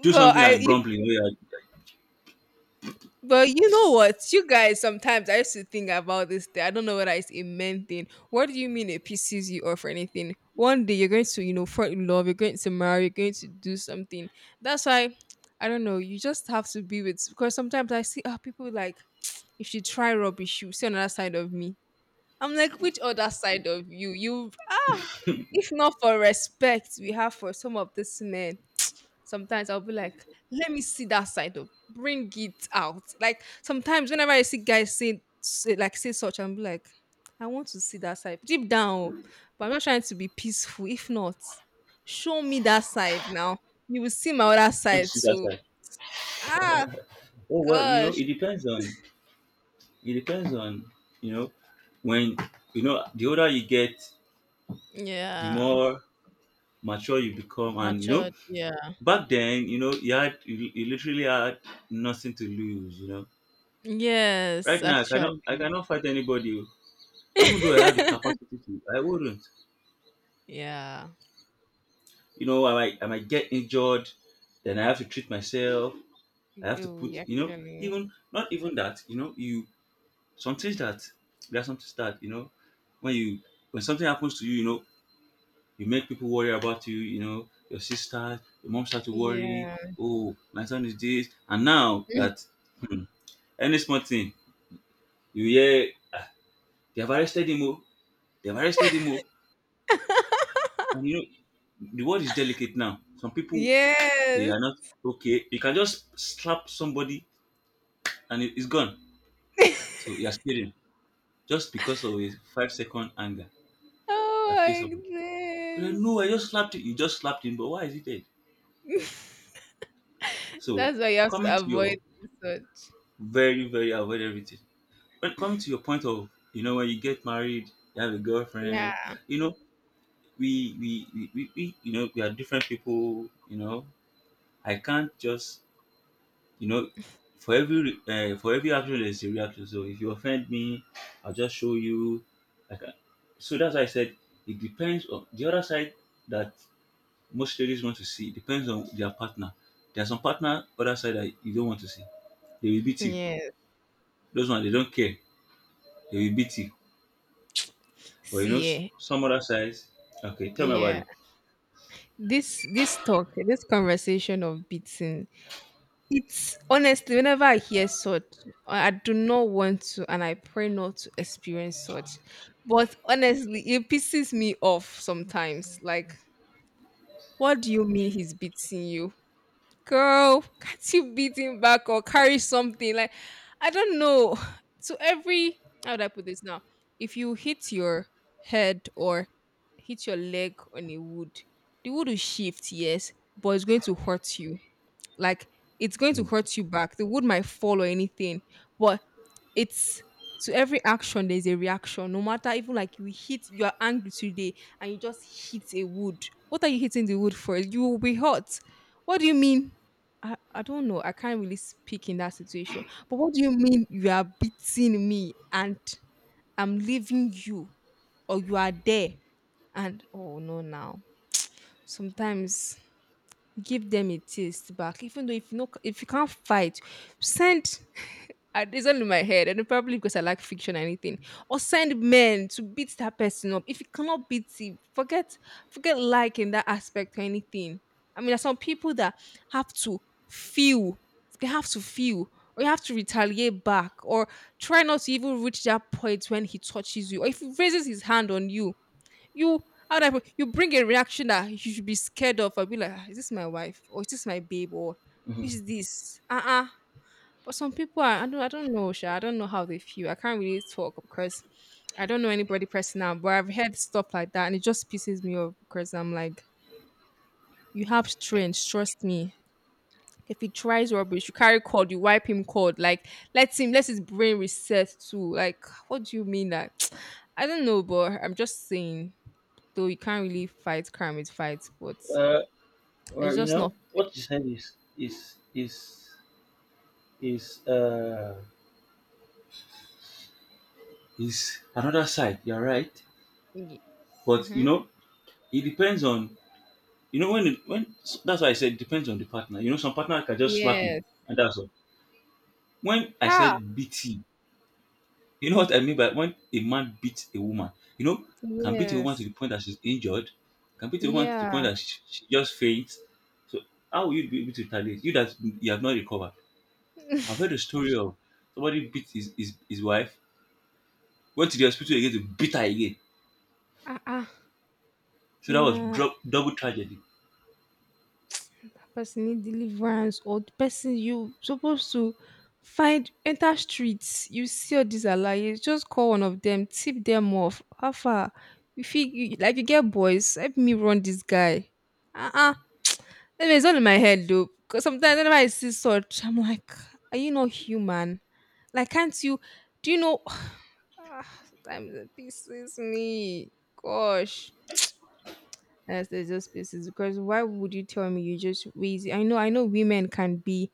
[SPEAKER 1] Do something
[SPEAKER 2] I,
[SPEAKER 1] and grumbling. Oh, yeah.
[SPEAKER 2] but you know what? You guys, sometimes I used to think about this thing. I don't know whether it's a men thing. What do you mean it pisses you off or anything? One day you're going to, you know, fall in love, you're going to marry, you're going to do something. That's why, I don't know, you just have to be with, because sometimes I see, ah, people like, if you try rubbish, you see another side of me. I'm like, which other side of you? You, ah, if not for respect we have for some of these men, sometimes I'll be like, let me see that side of, bring it out. Like sometimes whenever I see guys say such, I'm like, I want to see that side. Deep down, oh, but I'm not trying to be peaceful. If not, show me that side now. You will see my other
[SPEAKER 1] Don't
[SPEAKER 2] side
[SPEAKER 1] sit that
[SPEAKER 2] too.
[SPEAKER 1] side.
[SPEAKER 2] Ah,
[SPEAKER 1] Oh well, you know,
[SPEAKER 2] gosh.
[SPEAKER 1] it depends on. It depends on. You know, when you know the older you get, the
[SPEAKER 2] Yeah.
[SPEAKER 1] more mature you become, and you know
[SPEAKER 2] Matured. Yeah.
[SPEAKER 1] back then, you know, you, you literally had nothing to lose. You know,
[SPEAKER 2] Yes,
[SPEAKER 1] right now
[SPEAKER 2] actually.
[SPEAKER 1] I cannot fight anybody, oh. Even though I have the capacity to. I wouldn't.
[SPEAKER 2] Yeah.
[SPEAKER 1] You know, I might get injured, then I have to treat myself, I have to put,
[SPEAKER 2] You
[SPEAKER 1] you know,
[SPEAKER 2] actually.
[SPEAKER 1] even not even that, you know, you some things that there are some things that, you know, when you when something happens to you, you know, you make people worry about you, you know, your sister, your mom start to worry,
[SPEAKER 2] Yeah.
[SPEAKER 1] oh, my son is this. And now that any small thing, you hear they've arrested him, oh, they've arrested him. Oh. And you know, the world is delicate now. Some people they
[SPEAKER 2] Yes.
[SPEAKER 1] are not okay. You can just slap somebody and it's gone. So you're scared just because of a 5 second anger. That case of
[SPEAKER 2] Oh my
[SPEAKER 1] you're like, no, I just slapped him. You just slapped him, but why is he dead?
[SPEAKER 2] goodness.
[SPEAKER 1] So
[SPEAKER 2] That's why you have
[SPEAKER 1] coming
[SPEAKER 2] to
[SPEAKER 1] to your
[SPEAKER 2] avoid such.
[SPEAKER 1] very, very avoid everything. But coming to your point of, you know, when you get married, you have a
[SPEAKER 2] Yeah.
[SPEAKER 1] girlfriend, you know, we you know, we are different people, you know. I can't just you know, for every for every action there's a reaction. So if you offend me, I'll just show you. I can so that's why I said it depends on the other side that most ladies want to see. It depends on their partner. There are some partner other side that you don't want to see, they will beat you.
[SPEAKER 2] Yes.
[SPEAKER 1] Those ones they don't care, they will beat you. But you know,
[SPEAKER 2] See, eh,
[SPEAKER 1] some other sides. Okay, tell me about
[SPEAKER 2] yeah.
[SPEAKER 1] it.
[SPEAKER 2] This talk, this conversation of beating, it's honestly whenever I hear such, I do not want to, and I pray not to experience such. But honestly, it pisses me off sometimes. Like, what do you mean he's beating you? Girl, can't you beat him back or carry something? Like, I don't know. So every, how would I put this now? If you hit your head or hit your leg on a wood, the wood will shift, yes, but it's going to hurt you. Like, it's going to hurt you back. The wood might fall or anything, but it's, to every action there's a reaction. No matter, even like you hit, you are angry today and you just hit a wood. What are you hitting the wood for? You will be hurt. What do you mean? I don't know. I can't really speak in that situation. But what do you mean you are beating me and I'm leaving you or you are there? And oh no, now sometimes give them a taste back, even though, if you know, if you can't fight, send. It's only in my head and probably because I like fiction or anything, or send men to beat that person up if you cannot beat it. Forget, forget, like in that aspect or anything. I mean, there's some people that have to feel, they have to feel, or you have to retaliate back, or try not to even reach that point when he touches you or if he raises his hand on you. You, how do I put, you bring a reaction that you should be scared of. I'll be like, "Ah, is this my wife? Or is this my babe? Or which is
[SPEAKER 1] Mhm.
[SPEAKER 2] this? Uh-uh." But some people are, I don't know, Sha. I don't know how they feel. I can't really talk because I don't know anybody personal, but I've heard stuff like that and it just pisses me off because I'm like, you have strength, trust me. If he tries rubbish, you carry cord, you wipe him cord. Like, let him, let his brain reset too. Like, what do you mean that? I don't know, but I'm just saying. Though you can't really fight crime with fights, but
[SPEAKER 1] Uh,
[SPEAKER 2] it's
[SPEAKER 1] well, you
[SPEAKER 2] just not.
[SPEAKER 1] know what you said is is is another side. You're right, but you
[SPEAKER 2] Mm-hmm.
[SPEAKER 1] know, it depends on you know when it, when that's why I said it depends on the partner. You know, some partner can just slap you,
[SPEAKER 2] Yes.
[SPEAKER 1] and that's all. When I
[SPEAKER 2] Ha.
[SPEAKER 1] said BT, you know what I mean by when a man beats a woman? You know, can beat a woman to
[SPEAKER 2] Yes.
[SPEAKER 1] the point that she's injured, can beat a woman to the point
[SPEAKER 2] Yeah.
[SPEAKER 1] that she just faints. So how will you be able to retaliate? You that you have not recovered. I've heard a story of somebody beat his wife, went to the hospital again to beat her again.
[SPEAKER 2] Ah, ah.
[SPEAKER 1] So that was
[SPEAKER 2] Yeah.
[SPEAKER 1] double tragedy.
[SPEAKER 2] Person need deliverance, or the person, you supposed to find, enter streets, you see all these alaye, just call one of them, tip them off. How far, you feel you, like, you get boys, help me run this guy. Uh-uh. Anyway, it's all in my head though, because sometimes whenever I see such I'm like, are you not human? Like, can't you, do you know? Ah, sometimes it pisses me, gosh. Yes, there's just spaces because why would you tell me you just lazy? I know, women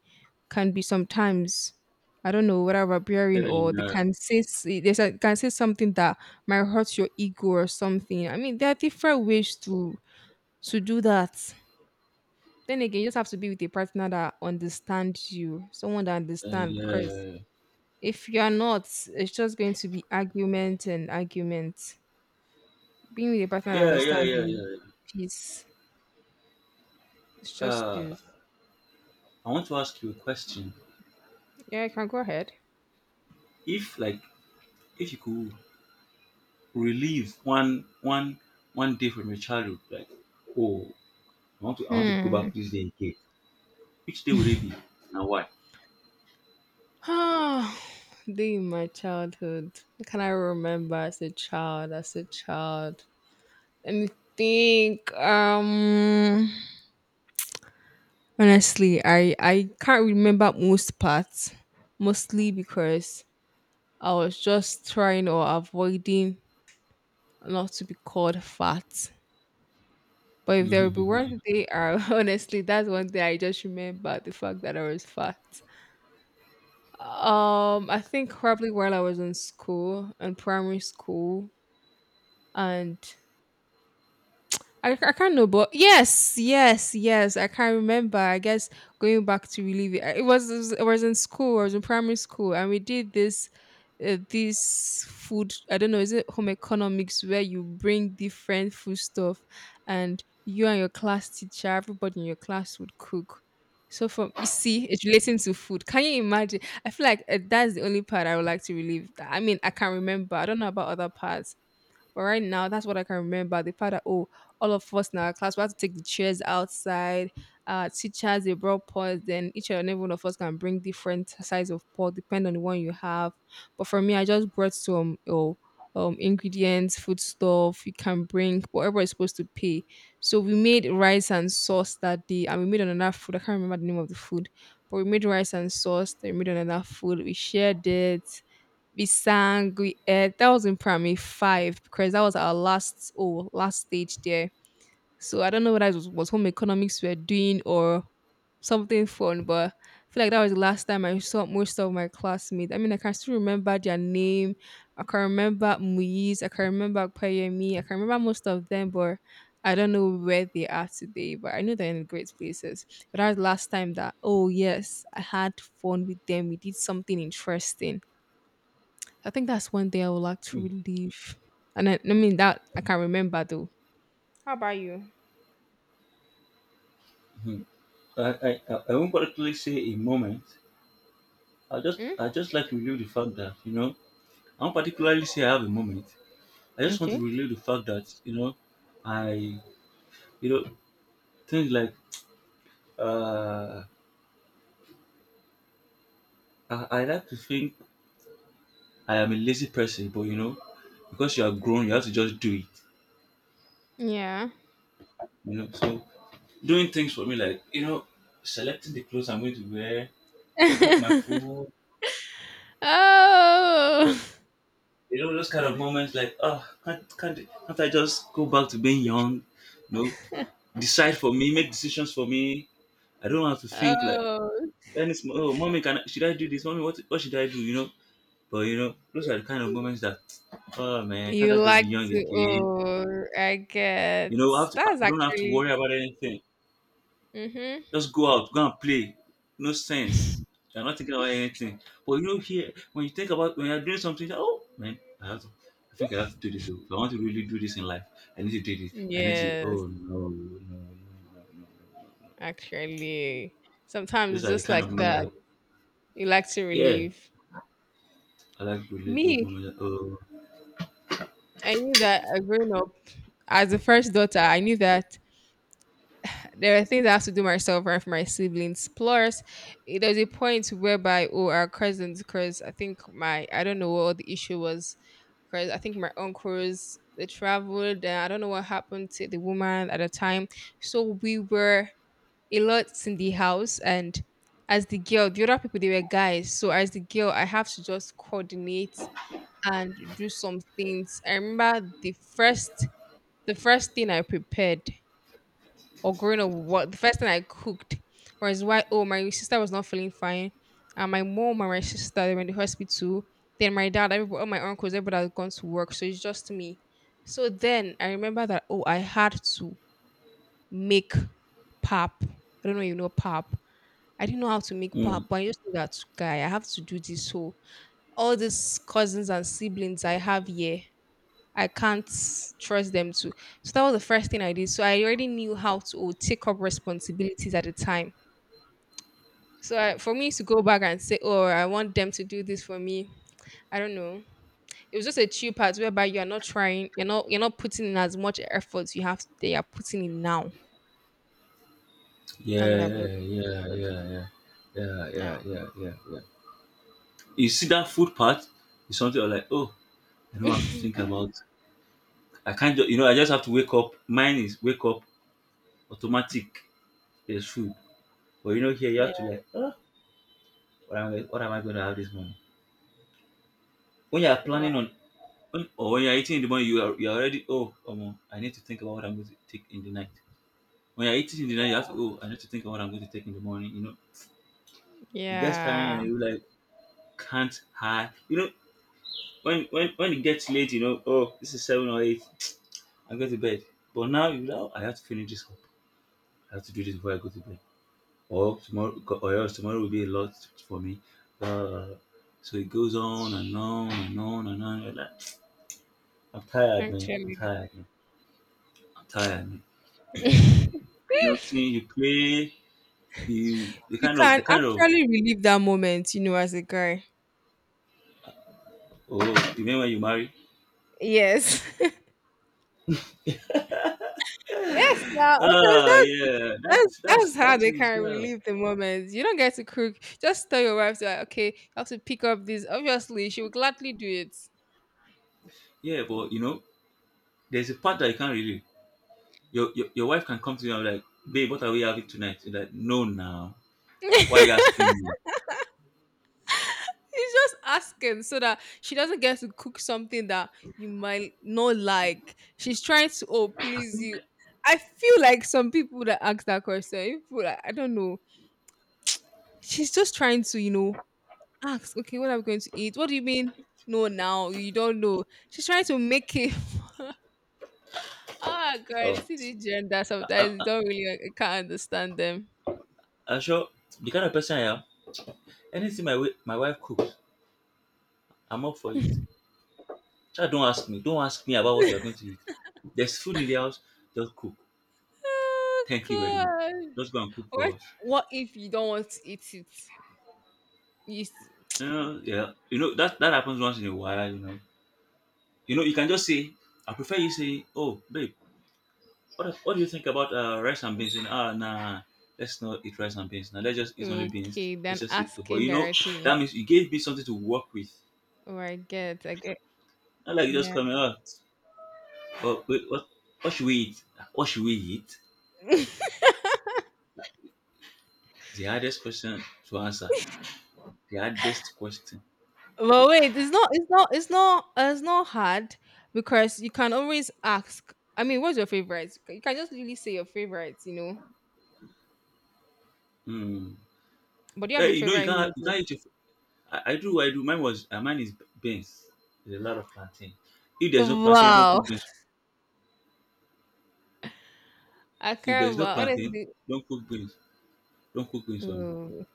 [SPEAKER 2] can be sometimes. I don't know whether
[SPEAKER 1] Yeah,
[SPEAKER 2] barbarian, or they
[SPEAKER 1] yeah,
[SPEAKER 2] can say they can say something that might hurt your ego or something. I mean, there are different ways to do that. Then again, you just have to be with a partner that understands you, someone that understands. Because if you are not, it's just going to be argument and argument. Being with a partner that
[SPEAKER 1] yeah, yeah,
[SPEAKER 2] understands
[SPEAKER 1] yeah, yeah.
[SPEAKER 2] you,
[SPEAKER 1] yeah.
[SPEAKER 2] peace. It's just
[SPEAKER 1] Uh,
[SPEAKER 2] peace.
[SPEAKER 1] I want to ask you a question.
[SPEAKER 2] Yeah, I can go ahead.
[SPEAKER 1] If like, if you could relive one day from your childhood, like, oh, I want to go
[SPEAKER 2] Hmm.
[SPEAKER 1] back this day again. Which day would it be and why?
[SPEAKER 2] During my childhood, what can I remember as a child? As a child, let me think. Honestly, I can't remember most parts, mostly because I was just trying or avoiding not to be called fat. But if there will be one day, I honestly, that's one day I just remember the fact that I was fat. I think probably while I was in school, in primary school, and I can't know, but yes, yes, yes. I can't remember. I guess going back to relieve it. It was it was in school. I was in primary school, and we did this this food. I don't know. Is it home economics where you bring different food stuff, and you and your class teacher, everybody in your class would cook? So from, you see, it's relating to food. Can you imagine? I feel like that's the only part I would like to relieve. I mean, I can't remember. I don't know about other parts, but right now, that's what I can remember. The fact that oh, all of us in our class we had to take the chairs outside. Teachers they brought pots. Then each and every one of us can bring different size of pot, depending on the one you have. But for me, I just brought some oh, ingredients, food stuff. You can bring whatever is supposed to pay. So we made rice and sauce that day, and we made another food. I can't remember the name of the food, but we made rice and sauce. They made another food. We shared it, we sang, we that was in primary five, because that was our last oh last stage there. So I don't know whether it was home economics we were doing or something fun, but I feel like that was the last time I saw most of my classmates. I mean, I can still remember their name. I can remember Muiz, I can remember Payemi. I can remember most of them, but I don't know where they are today, but I know they're in great places. But that was the last time that, oh yes, I had fun with them. We did something interesting. I think that's one day I would like to relive. And I mean that I can not remember though. How about you?
[SPEAKER 1] Mm-hmm. I I won't particularly say a moment. I just
[SPEAKER 2] Mm?
[SPEAKER 1] like to relive the fact that, you know, I won't particularly say I have a moment. I just want
[SPEAKER 2] Okay.
[SPEAKER 1] to relive the fact that, you know, I you know, things like uh I like to think I am a lazy person, but you know, because you are grown you have to just do it.
[SPEAKER 2] Yeah.
[SPEAKER 1] You know, so doing things for me like, you know, selecting the clothes I'm going to wear, cook my food.
[SPEAKER 2] Oh.
[SPEAKER 1] You know those kind of moments like, oh, can't I just go back to being young? No, decide for me, make decisions for me. I don't have to think like
[SPEAKER 2] Oh.
[SPEAKER 1] any small. Oh, mommy, can I, should I do this? Mommy, what should I do? You know. But you know, those are the kind of moments that, oh man, can't
[SPEAKER 2] You
[SPEAKER 1] I just be
[SPEAKER 2] like
[SPEAKER 1] young
[SPEAKER 2] to
[SPEAKER 1] again?
[SPEAKER 2] oh, I get,
[SPEAKER 1] You know, I
[SPEAKER 2] that's
[SPEAKER 1] don't have to
[SPEAKER 2] actually,
[SPEAKER 1] worry about anything.
[SPEAKER 2] mm-hmm.
[SPEAKER 1] Just go out, go and play. No sense. You're not thinking about anything. But you know, here, when you think about when you're doing something, like, oh man, I have to. I think I have to do this. Oh. If I want to really do this in life, I need to do this. I need to.
[SPEAKER 2] Yes,
[SPEAKER 1] Oh no, no, no, no, no. No."
[SPEAKER 2] actually. Sometimes
[SPEAKER 1] Those
[SPEAKER 2] it's
[SPEAKER 1] are the
[SPEAKER 2] just
[SPEAKER 1] kind of
[SPEAKER 2] like
[SPEAKER 1] moments
[SPEAKER 2] that.
[SPEAKER 1] that,
[SPEAKER 2] You like to
[SPEAKER 1] yeah,
[SPEAKER 2] relieve.
[SPEAKER 1] I like really those
[SPEAKER 2] Me,
[SPEAKER 1] moments. That, oh,
[SPEAKER 2] I knew that growing up as the first daughter, I knew that there are things I have to do myself and for my siblings. Plus, eh, there's a point whereby oh our cousins, because I think my, I don't know what the issue was, because I think my uncles they traveled. And I don't know what happened to the woman at the time. So we were a lot in the house, and as the girl, the other people they were guys. So as the girl, I have to just coordinate and do some things. I remember the first, the first thing I prepared, or growing up, what the first thing I cooked was, why oh my sister was not feeling fine, and my mom and my sister they were in the hospital. Then my dad, everybody, all my uncles, everybody had gone to work, so it's just me. So then I remember that oh I had to make pap. I don't know if you know pap. I didn't know how to make
[SPEAKER 1] mm,
[SPEAKER 2] pap, but I just knew that guy, I have to do this. So all these cousins and siblings I have here, I can't trust them to. So that was the first thing I did. So I already knew how to oh, take up responsibilities at the time. So I, for me to go back and say, "Oh, I want them to do this for me," I don't know. It was just a chill part whereby you are not trying, you're not putting in as much effort you have. They are putting in now. That's what I've
[SPEAKER 1] yeah, yeah, yeah,
[SPEAKER 2] learned.
[SPEAKER 1] yeah, yeah,
[SPEAKER 2] Yeah.
[SPEAKER 1] yeah, yeah, yeah, yeah. You see that food part is something I like. Oh, I don't have to think about. I can't. Just, you know, I just have to wake up. Mine is wake up automatic there's food. But you know, here you have
[SPEAKER 2] Yeah.
[SPEAKER 1] to like, ah, what am I going to have this morning? When you are
[SPEAKER 2] Wow.
[SPEAKER 1] planning on, when, or when you are eating in the morning, you are already I need to think about what I'm going to take in the night. When you are eating in the night, you have to oh, I need to think about what I'm going to take in the morning. It gets tiring
[SPEAKER 2] Yeah.
[SPEAKER 1] and you like can't hide. You know, when it gets late, you know, oh, this is seven or eight. I'm going to bed. But now you know, I have to finish this up. I have to do this before I go to bed, or tomorrow, or else tomorrow will be a lot for me. Uh, so it goes on and on and on and on. You're like, I'm tired, man. I'm
[SPEAKER 2] Actually,
[SPEAKER 1] tired, man. I'm tired, man.
[SPEAKER 2] you
[SPEAKER 1] And you know, thing you play, you the kind of the
[SPEAKER 2] can
[SPEAKER 1] kind of
[SPEAKER 2] actually relive that moment, you know, as a guy.
[SPEAKER 1] oh, you mean when you marry?
[SPEAKER 2] Yes. Yes, now, of course,
[SPEAKER 1] Ah,
[SPEAKER 2] that's
[SPEAKER 1] yeah,
[SPEAKER 2] that's
[SPEAKER 1] that's that's
[SPEAKER 2] that's how
[SPEAKER 1] that's
[SPEAKER 2] they
[SPEAKER 1] what it's,
[SPEAKER 2] can
[SPEAKER 1] yeah,
[SPEAKER 2] relieve the moment. You don't get to cook. Just tell your wife like, okay, you have to pick up this. Obviously, she will gladly do it.
[SPEAKER 1] yeah. But you know, there's a part that you can't really. Your wife can come to you and be like, babe, what are we having tonight? You're like, no, now. Why are you asking me?
[SPEAKER 2] He's just asking so that she doesn't get to cook something that you might not like. She's trying to oh please you. I feel like some people that ask that question, people like I don't know. She's just trying to, you know, ask, okay, what are we going to eat? What do you mean? No, now you don't know. She's trying to make it. Oh God,
[SPEAKER 1] Oh,
[SPEAKER 2] you see this gender sometimes you don't really like, can't understand them.
[SPEAKER 1] I'm sure the kind of person I am. Anything my wife cooks, I'm up for it. Child, don't ask me. Don't ask me about what we are going to eat. There's food in the house. Just cook.
[SPEAKER 2] Oh
[SPEAKER 1] Thank you very much.
[SPEAKER 2] God!
[SPEAKER 1] Just go and cook for
[SPEAKER 2] What
[SPEAKER 1] us.
[SPEAKER 2] what if you don't want to eat it? You s-
[SPEAKER 1] You know, yeah. You know that that happens once in a while. You know. You know, you can just say, I prefer you say, oh babe, what do you think about rice and beans? And ah nah, let's not eat rice and beans. Now let's just eat only beans.
[SPEAKER 2] okay?
[SPEAKER 1] Let's
[SPEAKER 2] Then
[SPEAKER 1] just eat. But
[SPEAKER 2] asking
[SPEAKER 1] you know, that
[SPEAKER 2] directly.
[SPEAKER 1] means you gave me something to work with.
[SPEAKER 2] Oh, I get, I get.
[SPEAKER 1] Not like you just
[SPEAKER 2] Yeah.
[SPEAKER 1] coming out. Oh, wait, what should we eat? What should we eat? The hardest question to answer. The hardest question.
[SPEAKER 2] But wait, it's not, it's not, it's not, it's not hard because you can always ask. I mean, what's your favorite? You can just really say your favorites.
[SPEAKER 1] Hmm.
[SPEAKER 2] But do you have
[SPEAKER 1] Hey,
[SPEAKER 2] your
[SPEAKER 1] you know, you
[SPEAKER 2] favorite
[SPEAKER 1] can't,
[SPEAKER 2] meal, though?
[SPEAKER 1] I do, I do. Mine was, mine is beans. There's a lot of plantain. If there's no plantain, don't
[SPEAKER 2] Wow.
[SPEAKER 1] cook beans.
[SPEAKER 2] I
[SPEAKER 1] If there's
[SPEAKER 2] can't.
[SPEAKER 1] no
[SPEAKER 2] Wow.
[SPEAKER 1] plantain,
[SPEAKER 2] Honestly,
[SPEAKER 1] don't cook beans. Don't cook beans for me.
[SPEAKER 2] oh,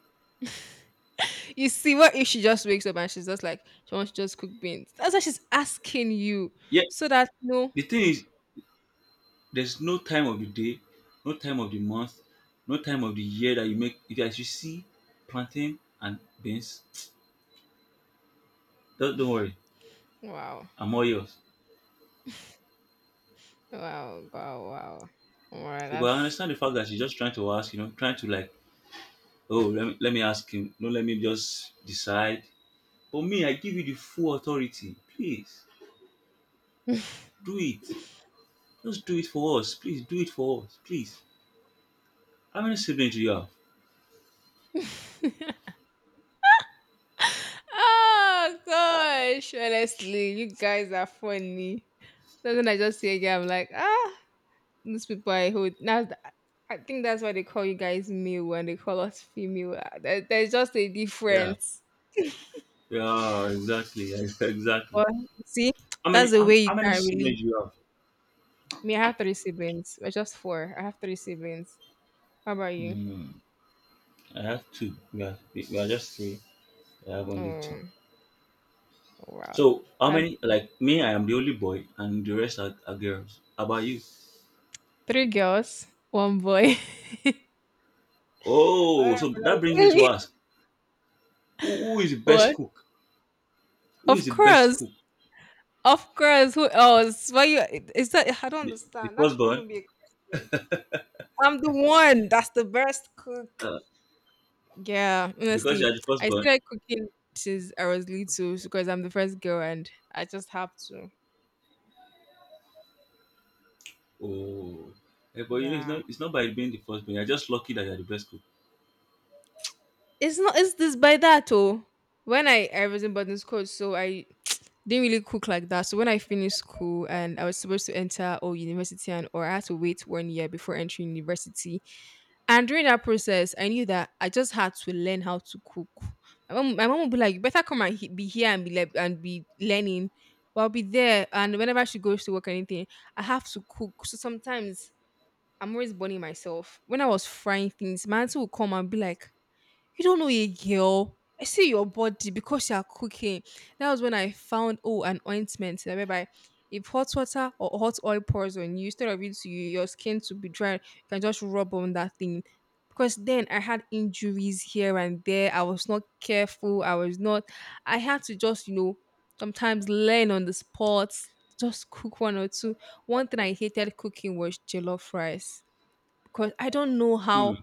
[SPEAKER 2] you see, what if she just wakes up and she's just like, she wants to just cook beans? That's why she's asking you.
[SPEAKER 1] Yeah,
[SPEAKER 2] So that, no.
[SPEAKER 1] the thing is, there's no time of the day, no time of the month, no time of the year that you make. If as you see plantain and beans, don't worry,
[SPEAKER 2] Wow.
[SPEAKER 1] I'm all yours.
[SPEAKER 2] Wow. Wow. Wow. Wow.
[SPEAKER 1] So, but I
[SPEAKER 2] That's.
[SPEAKER 1] understand the fact that she's just trying to ask, you know, trying to like, oh, let me ask him. No, let me just decide. But me, I give you the full authority. Please do it. Just do it for us. Please do it for us. Please. How many siblings do you have?
[SPEAKER 2] Oh, gosh. Honestly, you guys are funny. Something I just see again, I'm like, ah, these people I hold. Now, I think that's why they call you guys male when they call us female. Ah, there's just a
[SPEAKER 1] Yeah.
[SPEAKER 2] difference.
[SPEAKER 1] Yeah, exactly. Exactly.
[SPEAKER 2] But see, that's the way you
[SPEAKER 1] How
[SPEAKER 2] can
[SPEAKER 1] many
[SPEAKER 2] not really.
[SPEAKER 1] siblings do you have?
[SPEAKER 2] Me, I have three siblings. We're just four. I have three siblings. How about you?
[SPEAKER 1] Hmm. I have two. We are just three. I have only two.
[SPEAKER 2] Mm. Oh, wow.
[SPEAKER 1] So how
[SPEAKER 2] I have
[SPEAKER 1] many like me, I am the only boy and the rest are girls. How about you?
[SPEAKER 2] three girls, one boy. But I
[SPEAKER 1] Oh, so that brings me to
[SPEAKER 2] really?
[SPEAKER 1] ask who is the best
[SPEAKER 2] What?
[SPEAKER 1] cook? Who is
[SPEAKER 2] Of
[SPEAKER 1] the best
[SPEAKER 2] course.
[SPEAKER 1] cook?
[SPEAKER 2] Of course. Who else? Why you? Is that? I don't
[SPEAKER 1] The, the
[SPEAKER 2] understand. That should
[SPEAKER 1] firstborn?
[SPEAKER 2] even be a question. I'm the one that's the best cook.
[SPEAKER 1] Uh,
[SPEAKER 2] Yeah,
[SPEAKER 1] because you
[SPEAKER 2] honestly,
[SPEAKER 1] are the
[SPEAKER 2] I
[SPEAKER 1] firstborn.
[SPEAKER 2] started cooking since I was little because I'm the first girl and I just have to.
[SPEAKER 1] Oh, eh, but you know, it's not
[SPEAKER 2] Yeah.
[SPEAKER 1] it's not by being the first born. You're just lucky that you're the best cook.
[SPEAKER 2] It's not. It's this by that oh. When I was in boarding school, so I didn't really cook like that. So when I finished school and I was supposed to enter or university and or I had to wait 1 year before entering university, and during that process, I knew that I just had to learn how to cook. My mom would be like, "You better come and be here and be learning." But I'll be there, and whenever she goes to work or anything, I have to cook. So sometimes I'm always burning myself. When I was frying things, my auntie would come and be like, you don't know a girl. I see your body because you are cooking. That was when I found oh an ointment that whereby if hot water or hot oil pours on you, instead of it to you, your skin to be dry, you can just rub on that thing. Because then I had injuries here and there. I was not careful. I was not. I had to just sometimes learn on the spot. Just cook one or two. One thing I hated cooking was jollof rice because I don't know
[SPEAKER 1] Hmm.
[SPEAKER 2] how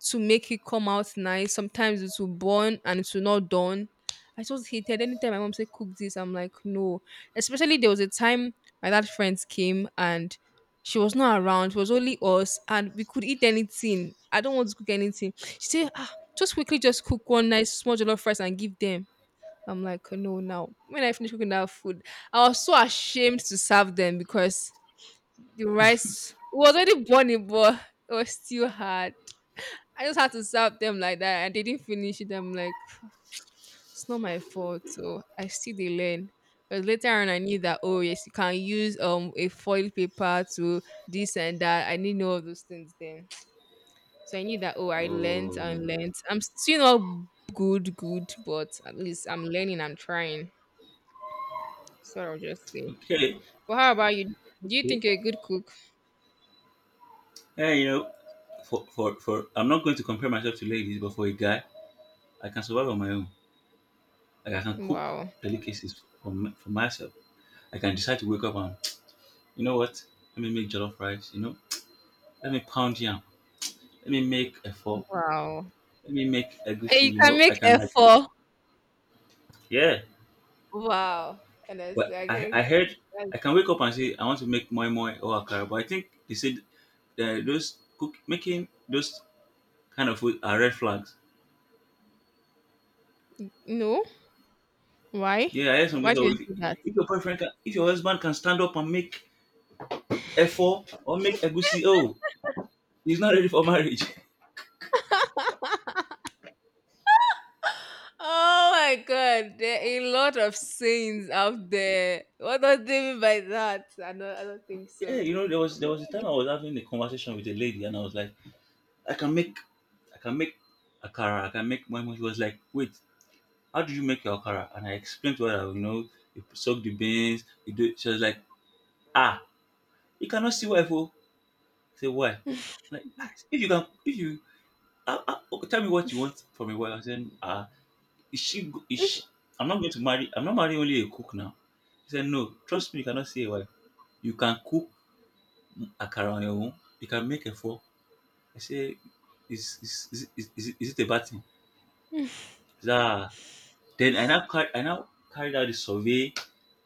[SPEAKER 2] to make it come out nice. Sometimes it will burn and it will not done. I just hated anytime my mom said cook this, I'm like, no. Especially there was a time my dad friends came and she was not around. It was only us and we could eat anything. I don't want to cook anything. She said, ah, just quickly just cook one nice small jollof rice and give them. I'm like, no, now. When I finished cooking that food, I was so ashamed to serve them because the rice it was already burning, but it was still hard. I just had to serve them like that. I didn't finish it. I'm like, it's not my fault. So I still they learn. But later on, I knew that oh yes, you can use a foil paper to this and that. I didn't know all those things then. So I knew that oh I learned and learned. I'm still not good, good, but at least I'm learning. I'm trying. So I'll just say.
[SPEAKER 1] Okay.
[SPEAKER 2] But how about you? Do you think you're a good cook?
[SPEAKER 1] Hey, you know, for I'm not going to compare myself to ladies, but for a guy, I can survive on my own. Like I can cook
[SPEAKER 2] Wow,
[SPEAKER 1] delicacies for myself. I can decide to wake up and you know what? Let me make jollof rice. You know, let me pound yam. Let me make a four.
[SPEAKER 2] wow.
[SPEAKER 1] Let me make
[SPEAKER 2] And
[SPEAKER 1] egusi.
[SPEAKER 2] you
[SPEAKER 1] You
[SPEAKER 2] can
[SPEAKER 1] know, I
[SPEAKER 2] make
[SPEAKER 1] can like
[SPEAKER 2] effort.
[SPEAKER 1] yeah.
[SPEAKER 2] Wow.
[SPEAKER 1] But
[SPEAKER 2] Honestly, I
[SPEAKER 1] I
[SPEAKER 2] think
[SPEAKER 1] heard
[SPEAKER 2] that's.
[SPEAKER 1] I can wake up and say I want to make moi moi or akara, but I think they said the, those cook making those kind of food are red flags.
[SPEAKER 2] No? Why?
[SPEAKER 1] Yeah, I heard some
[SPEAKER 2] Why do
[SPEAKER 1] people
[SPEAKER 2] you
[SPEAKER 1] say, oh,
[SPEAKER 2] say that?
[SPEAKER 1] if your boyfriend can, if your husband can stand up and make effort or make egusi, oh, he's not ready for marriage.
[SPEAKER 2] Oh my god, there are a lot of sayings out there. What does they mean by that? I don't think
[SPEAKER 1] Yeah,
[SPEAKER 2] so.
[SPEAKER 1] you know, there was a
[SPEAKER 2] Yeah,
[SPEAKER 1] time I was having a conversation with a lady and I was like, I can make, I can make akara, I can make my. She was like, wait, how do you make your akara? And I explained to her, you know, you soak the beans, you do. She was like, ah, you cannot see wife, oh. I say why? Like ah, if you ah, ah, okay, tell me what you want from a wife. I said, ah, is she, go- is she, I'm not going to marry, I'm not marrying only a cook now. He said, no, trust me, you cannot see a wife. You can cook akara on your own. You can make a four. I said, is it a bad thing? He said, ah. Then I now carried out the survey.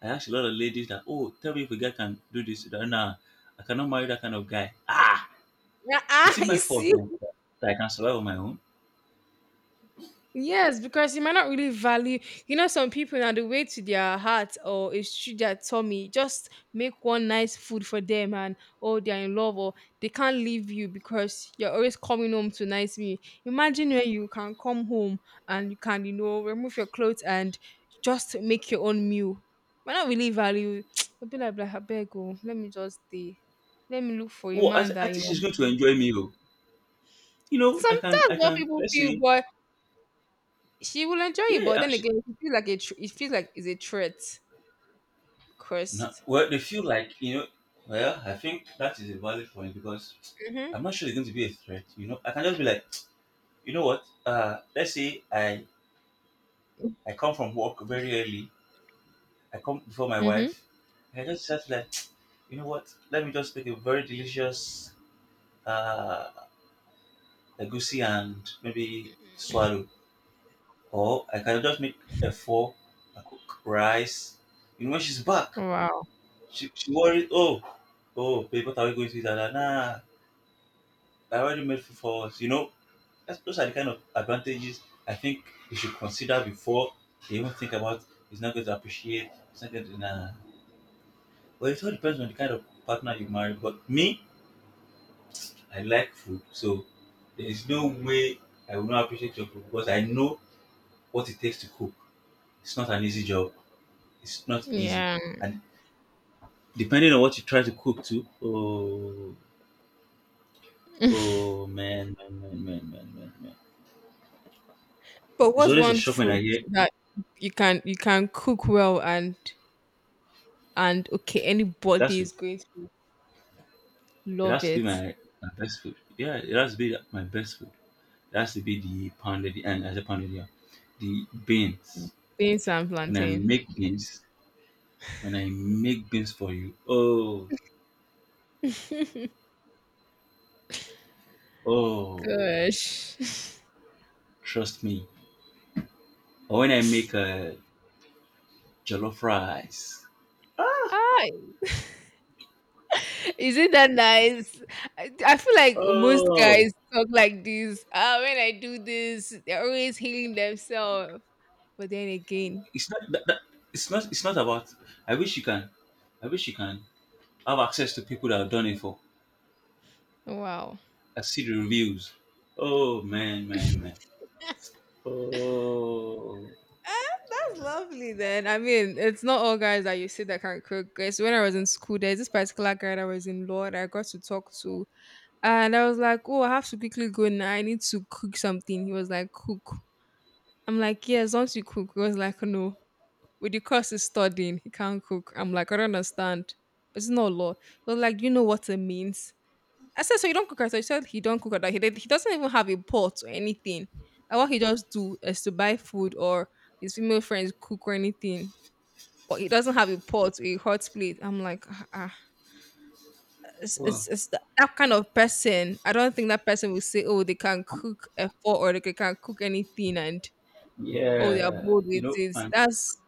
[SPEAKER 1] I asked a lot of ladies that, oh, tell me if a guy can do this. They said, nah, I cannot marry that kind of guy. Ah, is it my
[SPEAKER 2] I
[SPEAKER 1] fault
[SPEAKER 2] see.
[SPEAKER 1] now that I can survive on my own?
[SPEAKER 2] Yes, because you might not really value, you know, some people now the way to their heart or it's through their tummy. Just make one nice food for them, and oh, they're in love, or they can't leave you because you're always coming home to nice meal. Imagine where you can come home and you can remove your clothes and just make your own meal. Might not really value. You'll be like, I beg, oh, let me just stay. Let me look for a
[SPEAKER 1] Oh, I
[SPEAKER 2] man
[SPEAKER 1] said, I
[SPEAKER 2] that you
[SPEAKER 1] think
[SPEAKER 2] know.
[SPEAKER 1] she's going to enjoy me, oh. You know,
[SPEAKER 2] Sometimes what people
[SPEAKER 1] let's
[SPEAKER 2] feel,
[SPEAKER 1] say,
[SPEAKER 2] but she will enjoy it,
[SPEAKER 1] yeah.
[SPEAKER 2] but then
[SPEAKER 1] I-
[SPEAKER 2] again, it feels like a tr- it feels like it's a threat
[SPEAKER 1] No,
[SPEAKER 2] because.
[SPEAKER 1] well, they feel like, you know, well, I think that is a valid point because
[SPEAKER 2] Mhm.
[SPEAKER 1] I'm not sure it's going to be a threat. You know, I can just be like, you know what? I come from work very early. I come before my
[SPEAKER 2] Mhm.
[SPEAKER 1] wife. I can just be like, you know what? Let me just make a very delicious uh, egusi and maybe swallow. Or I can just make a four, I cook rice. You know, when she's back,
[SPEAKER 2] Wow.
[SPEAKER 1] worried, oh, oh, babe, what are we going to eat? Nah, nah, nah. I already, you know, that's, those are the kind of advantages I think before they even think about he's not going to appreciate. It's not going to, well, it all depends on the kind of partner you marry. But me, I like food, so there is no way I will not appreciate your food because I know what it takes to cook. It's not an easy job. It's not easy,
[SPEAKER 2] Yeah.
[SPEAKER 1] and depending on what you try to cook too. Oh, oh, man, man, man, man, man, man, man.
[SPEAKER 2] But
[SPEAKER 1] It's
[SPEAKER 2] what's
[SPEAKER 1] always a
[SPEAKER 2] one
[SPEAKER 1] shock when
[SPEAKER 2] food
[SPEAKER 1] I hear
[SPEAKER 2] that you can cook well and okay
[SPEAKER 1] that's
[SPEAKER 2] anybody
[SPEAKER 1] it.
[SPEAKER 2] is going to
[SPEAKER 1] It
[SPEAKER 2] love
[SPEAKER 1] has to be
[SPEAKER 2] it?
[SPEAKER 1] my, my best food. Yeah, it has to be my best food. That has to be the pounded and as a pounded yam. The beans.
[SPEAKER 2] Beans and
[SPEAKER 1] When I
[SPEAKER 2] plantain.
[SPEAKER 1] make beans, when I make beans for you, oh, oh,
[SPEAKER 2] Gosh.
[SPEAKER 1] trust me. Or when I make a jollof rice,
[SPEAKER 2] Ah, isn't that nice? I feel like most
[SPEAKER 1] oh,
[SPEAKER 2] guys talk like this. Ah, when I do this, they're always healing themselves. But then again,
[SPEAKER 1] it's not that, that- it's not about. I wish you can. I wish you can have access to people that have done it for.
[SPEAKER 2] wow.
[SPEAKER 1] I see the reviews. Oh, man, man, man. Oh,
[SPEAKER 2] That's lovely then. I mean, it's not all guys that you see that can cook. It's when I was in school, there's this particular guy that was in law that I got to talk to. And I was like, oh, I have to quickly go now. I need to cook something. He was like, cook. I'm like, yes, once you cook. He was like, no. With the course he's studying, he can't cook. I'm like, I don't understand. It's not law. He was like, do you know what it means? I said, so you don't cook rice. So he said he don't cook at that. He doesn't even have a pot or anything. That what he just do is to buy food or his female friends cook or anything. But he doesn't have a pot or a hot plate. I'm like, ah, ah. It's that, kind of person. I don't think that person will say, oh, they can cook a pot or they can cook anything and oh, they are
[SPEAKER 1] yeah,
[SPEAKER 2] bored
[SPEAKER 1] you
[SPEAKER 2] with
[SPEAKER 1] know,
[SPEAKER 2] it. That's,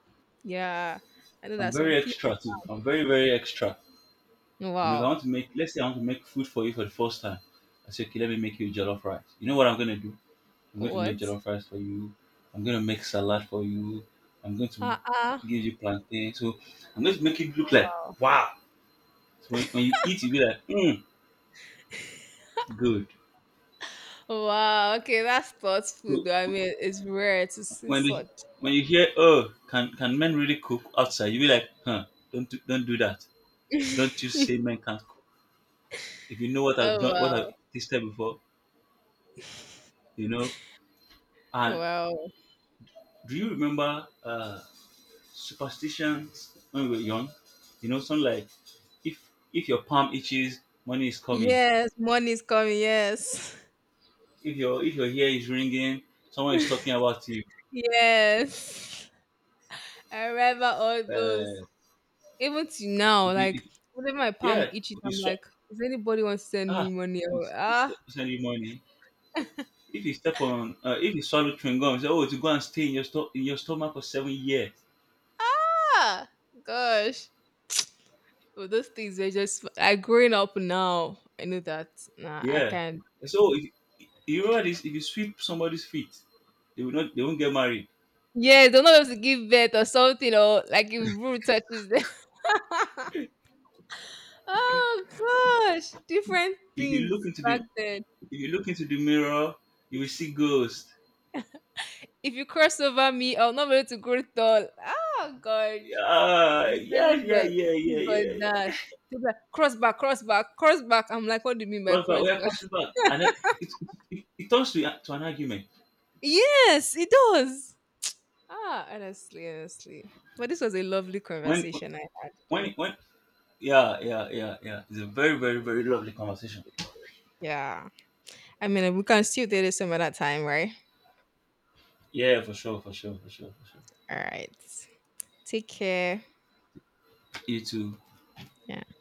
[SPEAKER 2] yeah. I know
[SPEAKER 1] I'm
[SPEAKER 2] that some
[SPEAKER 1] very
[SPEAKER 2] people,
[SPEAKER 1] extra too. I'm very very extra. You know, if I
[SPEAKER 2] wow.
[SPEAKER 1] want to make, let's say I want to make food for you for the first time. I say, okay, let me make you jollof rice. You know what I'm going to do? I'm going to make
[SPEAKER 2] What?
[SPEAKER 1] jollof rice for you. I'm going to make salad for you. I'm going to
[SPEAKER 2] Ah, ah.
[SPEAKER 1] give you plantain. So I'm going to make it look like,
[SPEAKER 2] Wow.
[SPEAKER 1] wow. So when you eat, you be like, mm, good.
[SPEAKER 2] Wow, okay, that's thoughtful
[SPEAKER 1] So
[SPEAKER 2] though. I mean, it's rare to see
[SPEAKER 1] when they,
[SPEAKER 2] such.
[SPEAKER 1] when you hear, oh, can men really cook outside? You be like, huh, don't do that. Don't you say men can't cook. If you know what I've
[SPEAKER 2] Oh
[SPEAKER 1] done, what I've
[SPEAKER 2] wow.
[SPEAKER 1] tasted before, you know. And
[SPEAKER 2] Wow.
[SPEAKER 1] do you remember superstitions when we were young. You know, something like if if your palm itches, money is coming.
[SPEAKER 2] Yes, money's coming, yes.
[SPEAKER 1] If your ear is ringing, someone is talking about you.
[SPEAKER 2] Yes. I remember all those.
[SPEAKER 1] Uh,
[SPEAKER 2] Even to now,
[SPEAKER 1] if you
[SPEAKER 2] like
[SPEAKER 1] if,
[SPEAKER 2] whenever my palm
[SPEAKER 1] yeah,
[SPEAKER 2] itches,
[SPEAKER 1] if you
[SPEAKER 2] I'm like,
[SPEAKER 1] swa-
[SPEAKER 2] does anybody want to send
[SPEAKER 1] ah,
[SPEAKER 2] me money? Or, ah,
[SPEAKER 1] it's send you money. If if you swallow chewing gum, you say, oh, to go and stay in your stomach for 7 years.
[SPEAKER 2] ah, gosh. But those things are just I growing up now. I know that nah, I
[SPEAKER 1] Yeah.
[SPEAKER 2] can't.
[SPEAKER 1] So if, you remember this: if you sweep somebody's feet, they will not, they won't get married.
[SPEAKER 2] Yes, they'll not be able to give birth or something or like if brood touches them. Oh gosh, different
[SPEAKER 1] If you
[SPEAKER 2] things
[SPEAKER 1] look into the,
[SPEAKER 2] back then.
[SPEAKER 1] if you look into the mirror, you will see ghosts.
[SPEAKER 2] If you cross over me, I'll not be able to grow tall. Oh gosh, the
[SPEAKER 1] Yeah,
[SPEAKER 2] parents
[SPEAKER 1] yeah,
[SPEAKER 2] were
[SPEAKER 1] yeah, yeah,
[SPEAKER 2] "You got
[SPEAKER 1] yeah,
[SPEAKER 2] that.
[SPEAKER 1] yeah.
[SPEAKER 2] They'll be like, cross back, cross back, cross back. I'm like, what do you mean by
[SPEAKER 1] Cross back, we
[SPEAKER 2] cross
[SPEAKER 1] are
[SPEAKER 2] back?
[SPEAKER 1] crossing back, and then it it turns to to an argument.
[SPEAKER 2] Yes, it does. Ah, honestly, honestly. But this was a lovely
[SPEAKER 1] When
[SPEAKER 2] conversation I had
[SPEAKER 1] when
[SPEAKER 2] too.
[SPEAKER 1] when yeah, yeah, yeah, yeah. It's a very very very lovely conversation.
[SPEAKER 2] Yeah. I mean, we can still do this some other time, right?
[SPEAKER 1] Yeah, for sure, for sure, for sure, for sure.
[SPEAKER 2] All right. Take care.
[SPEAKER 1] You too.
[SPEAKER 2] Yeah.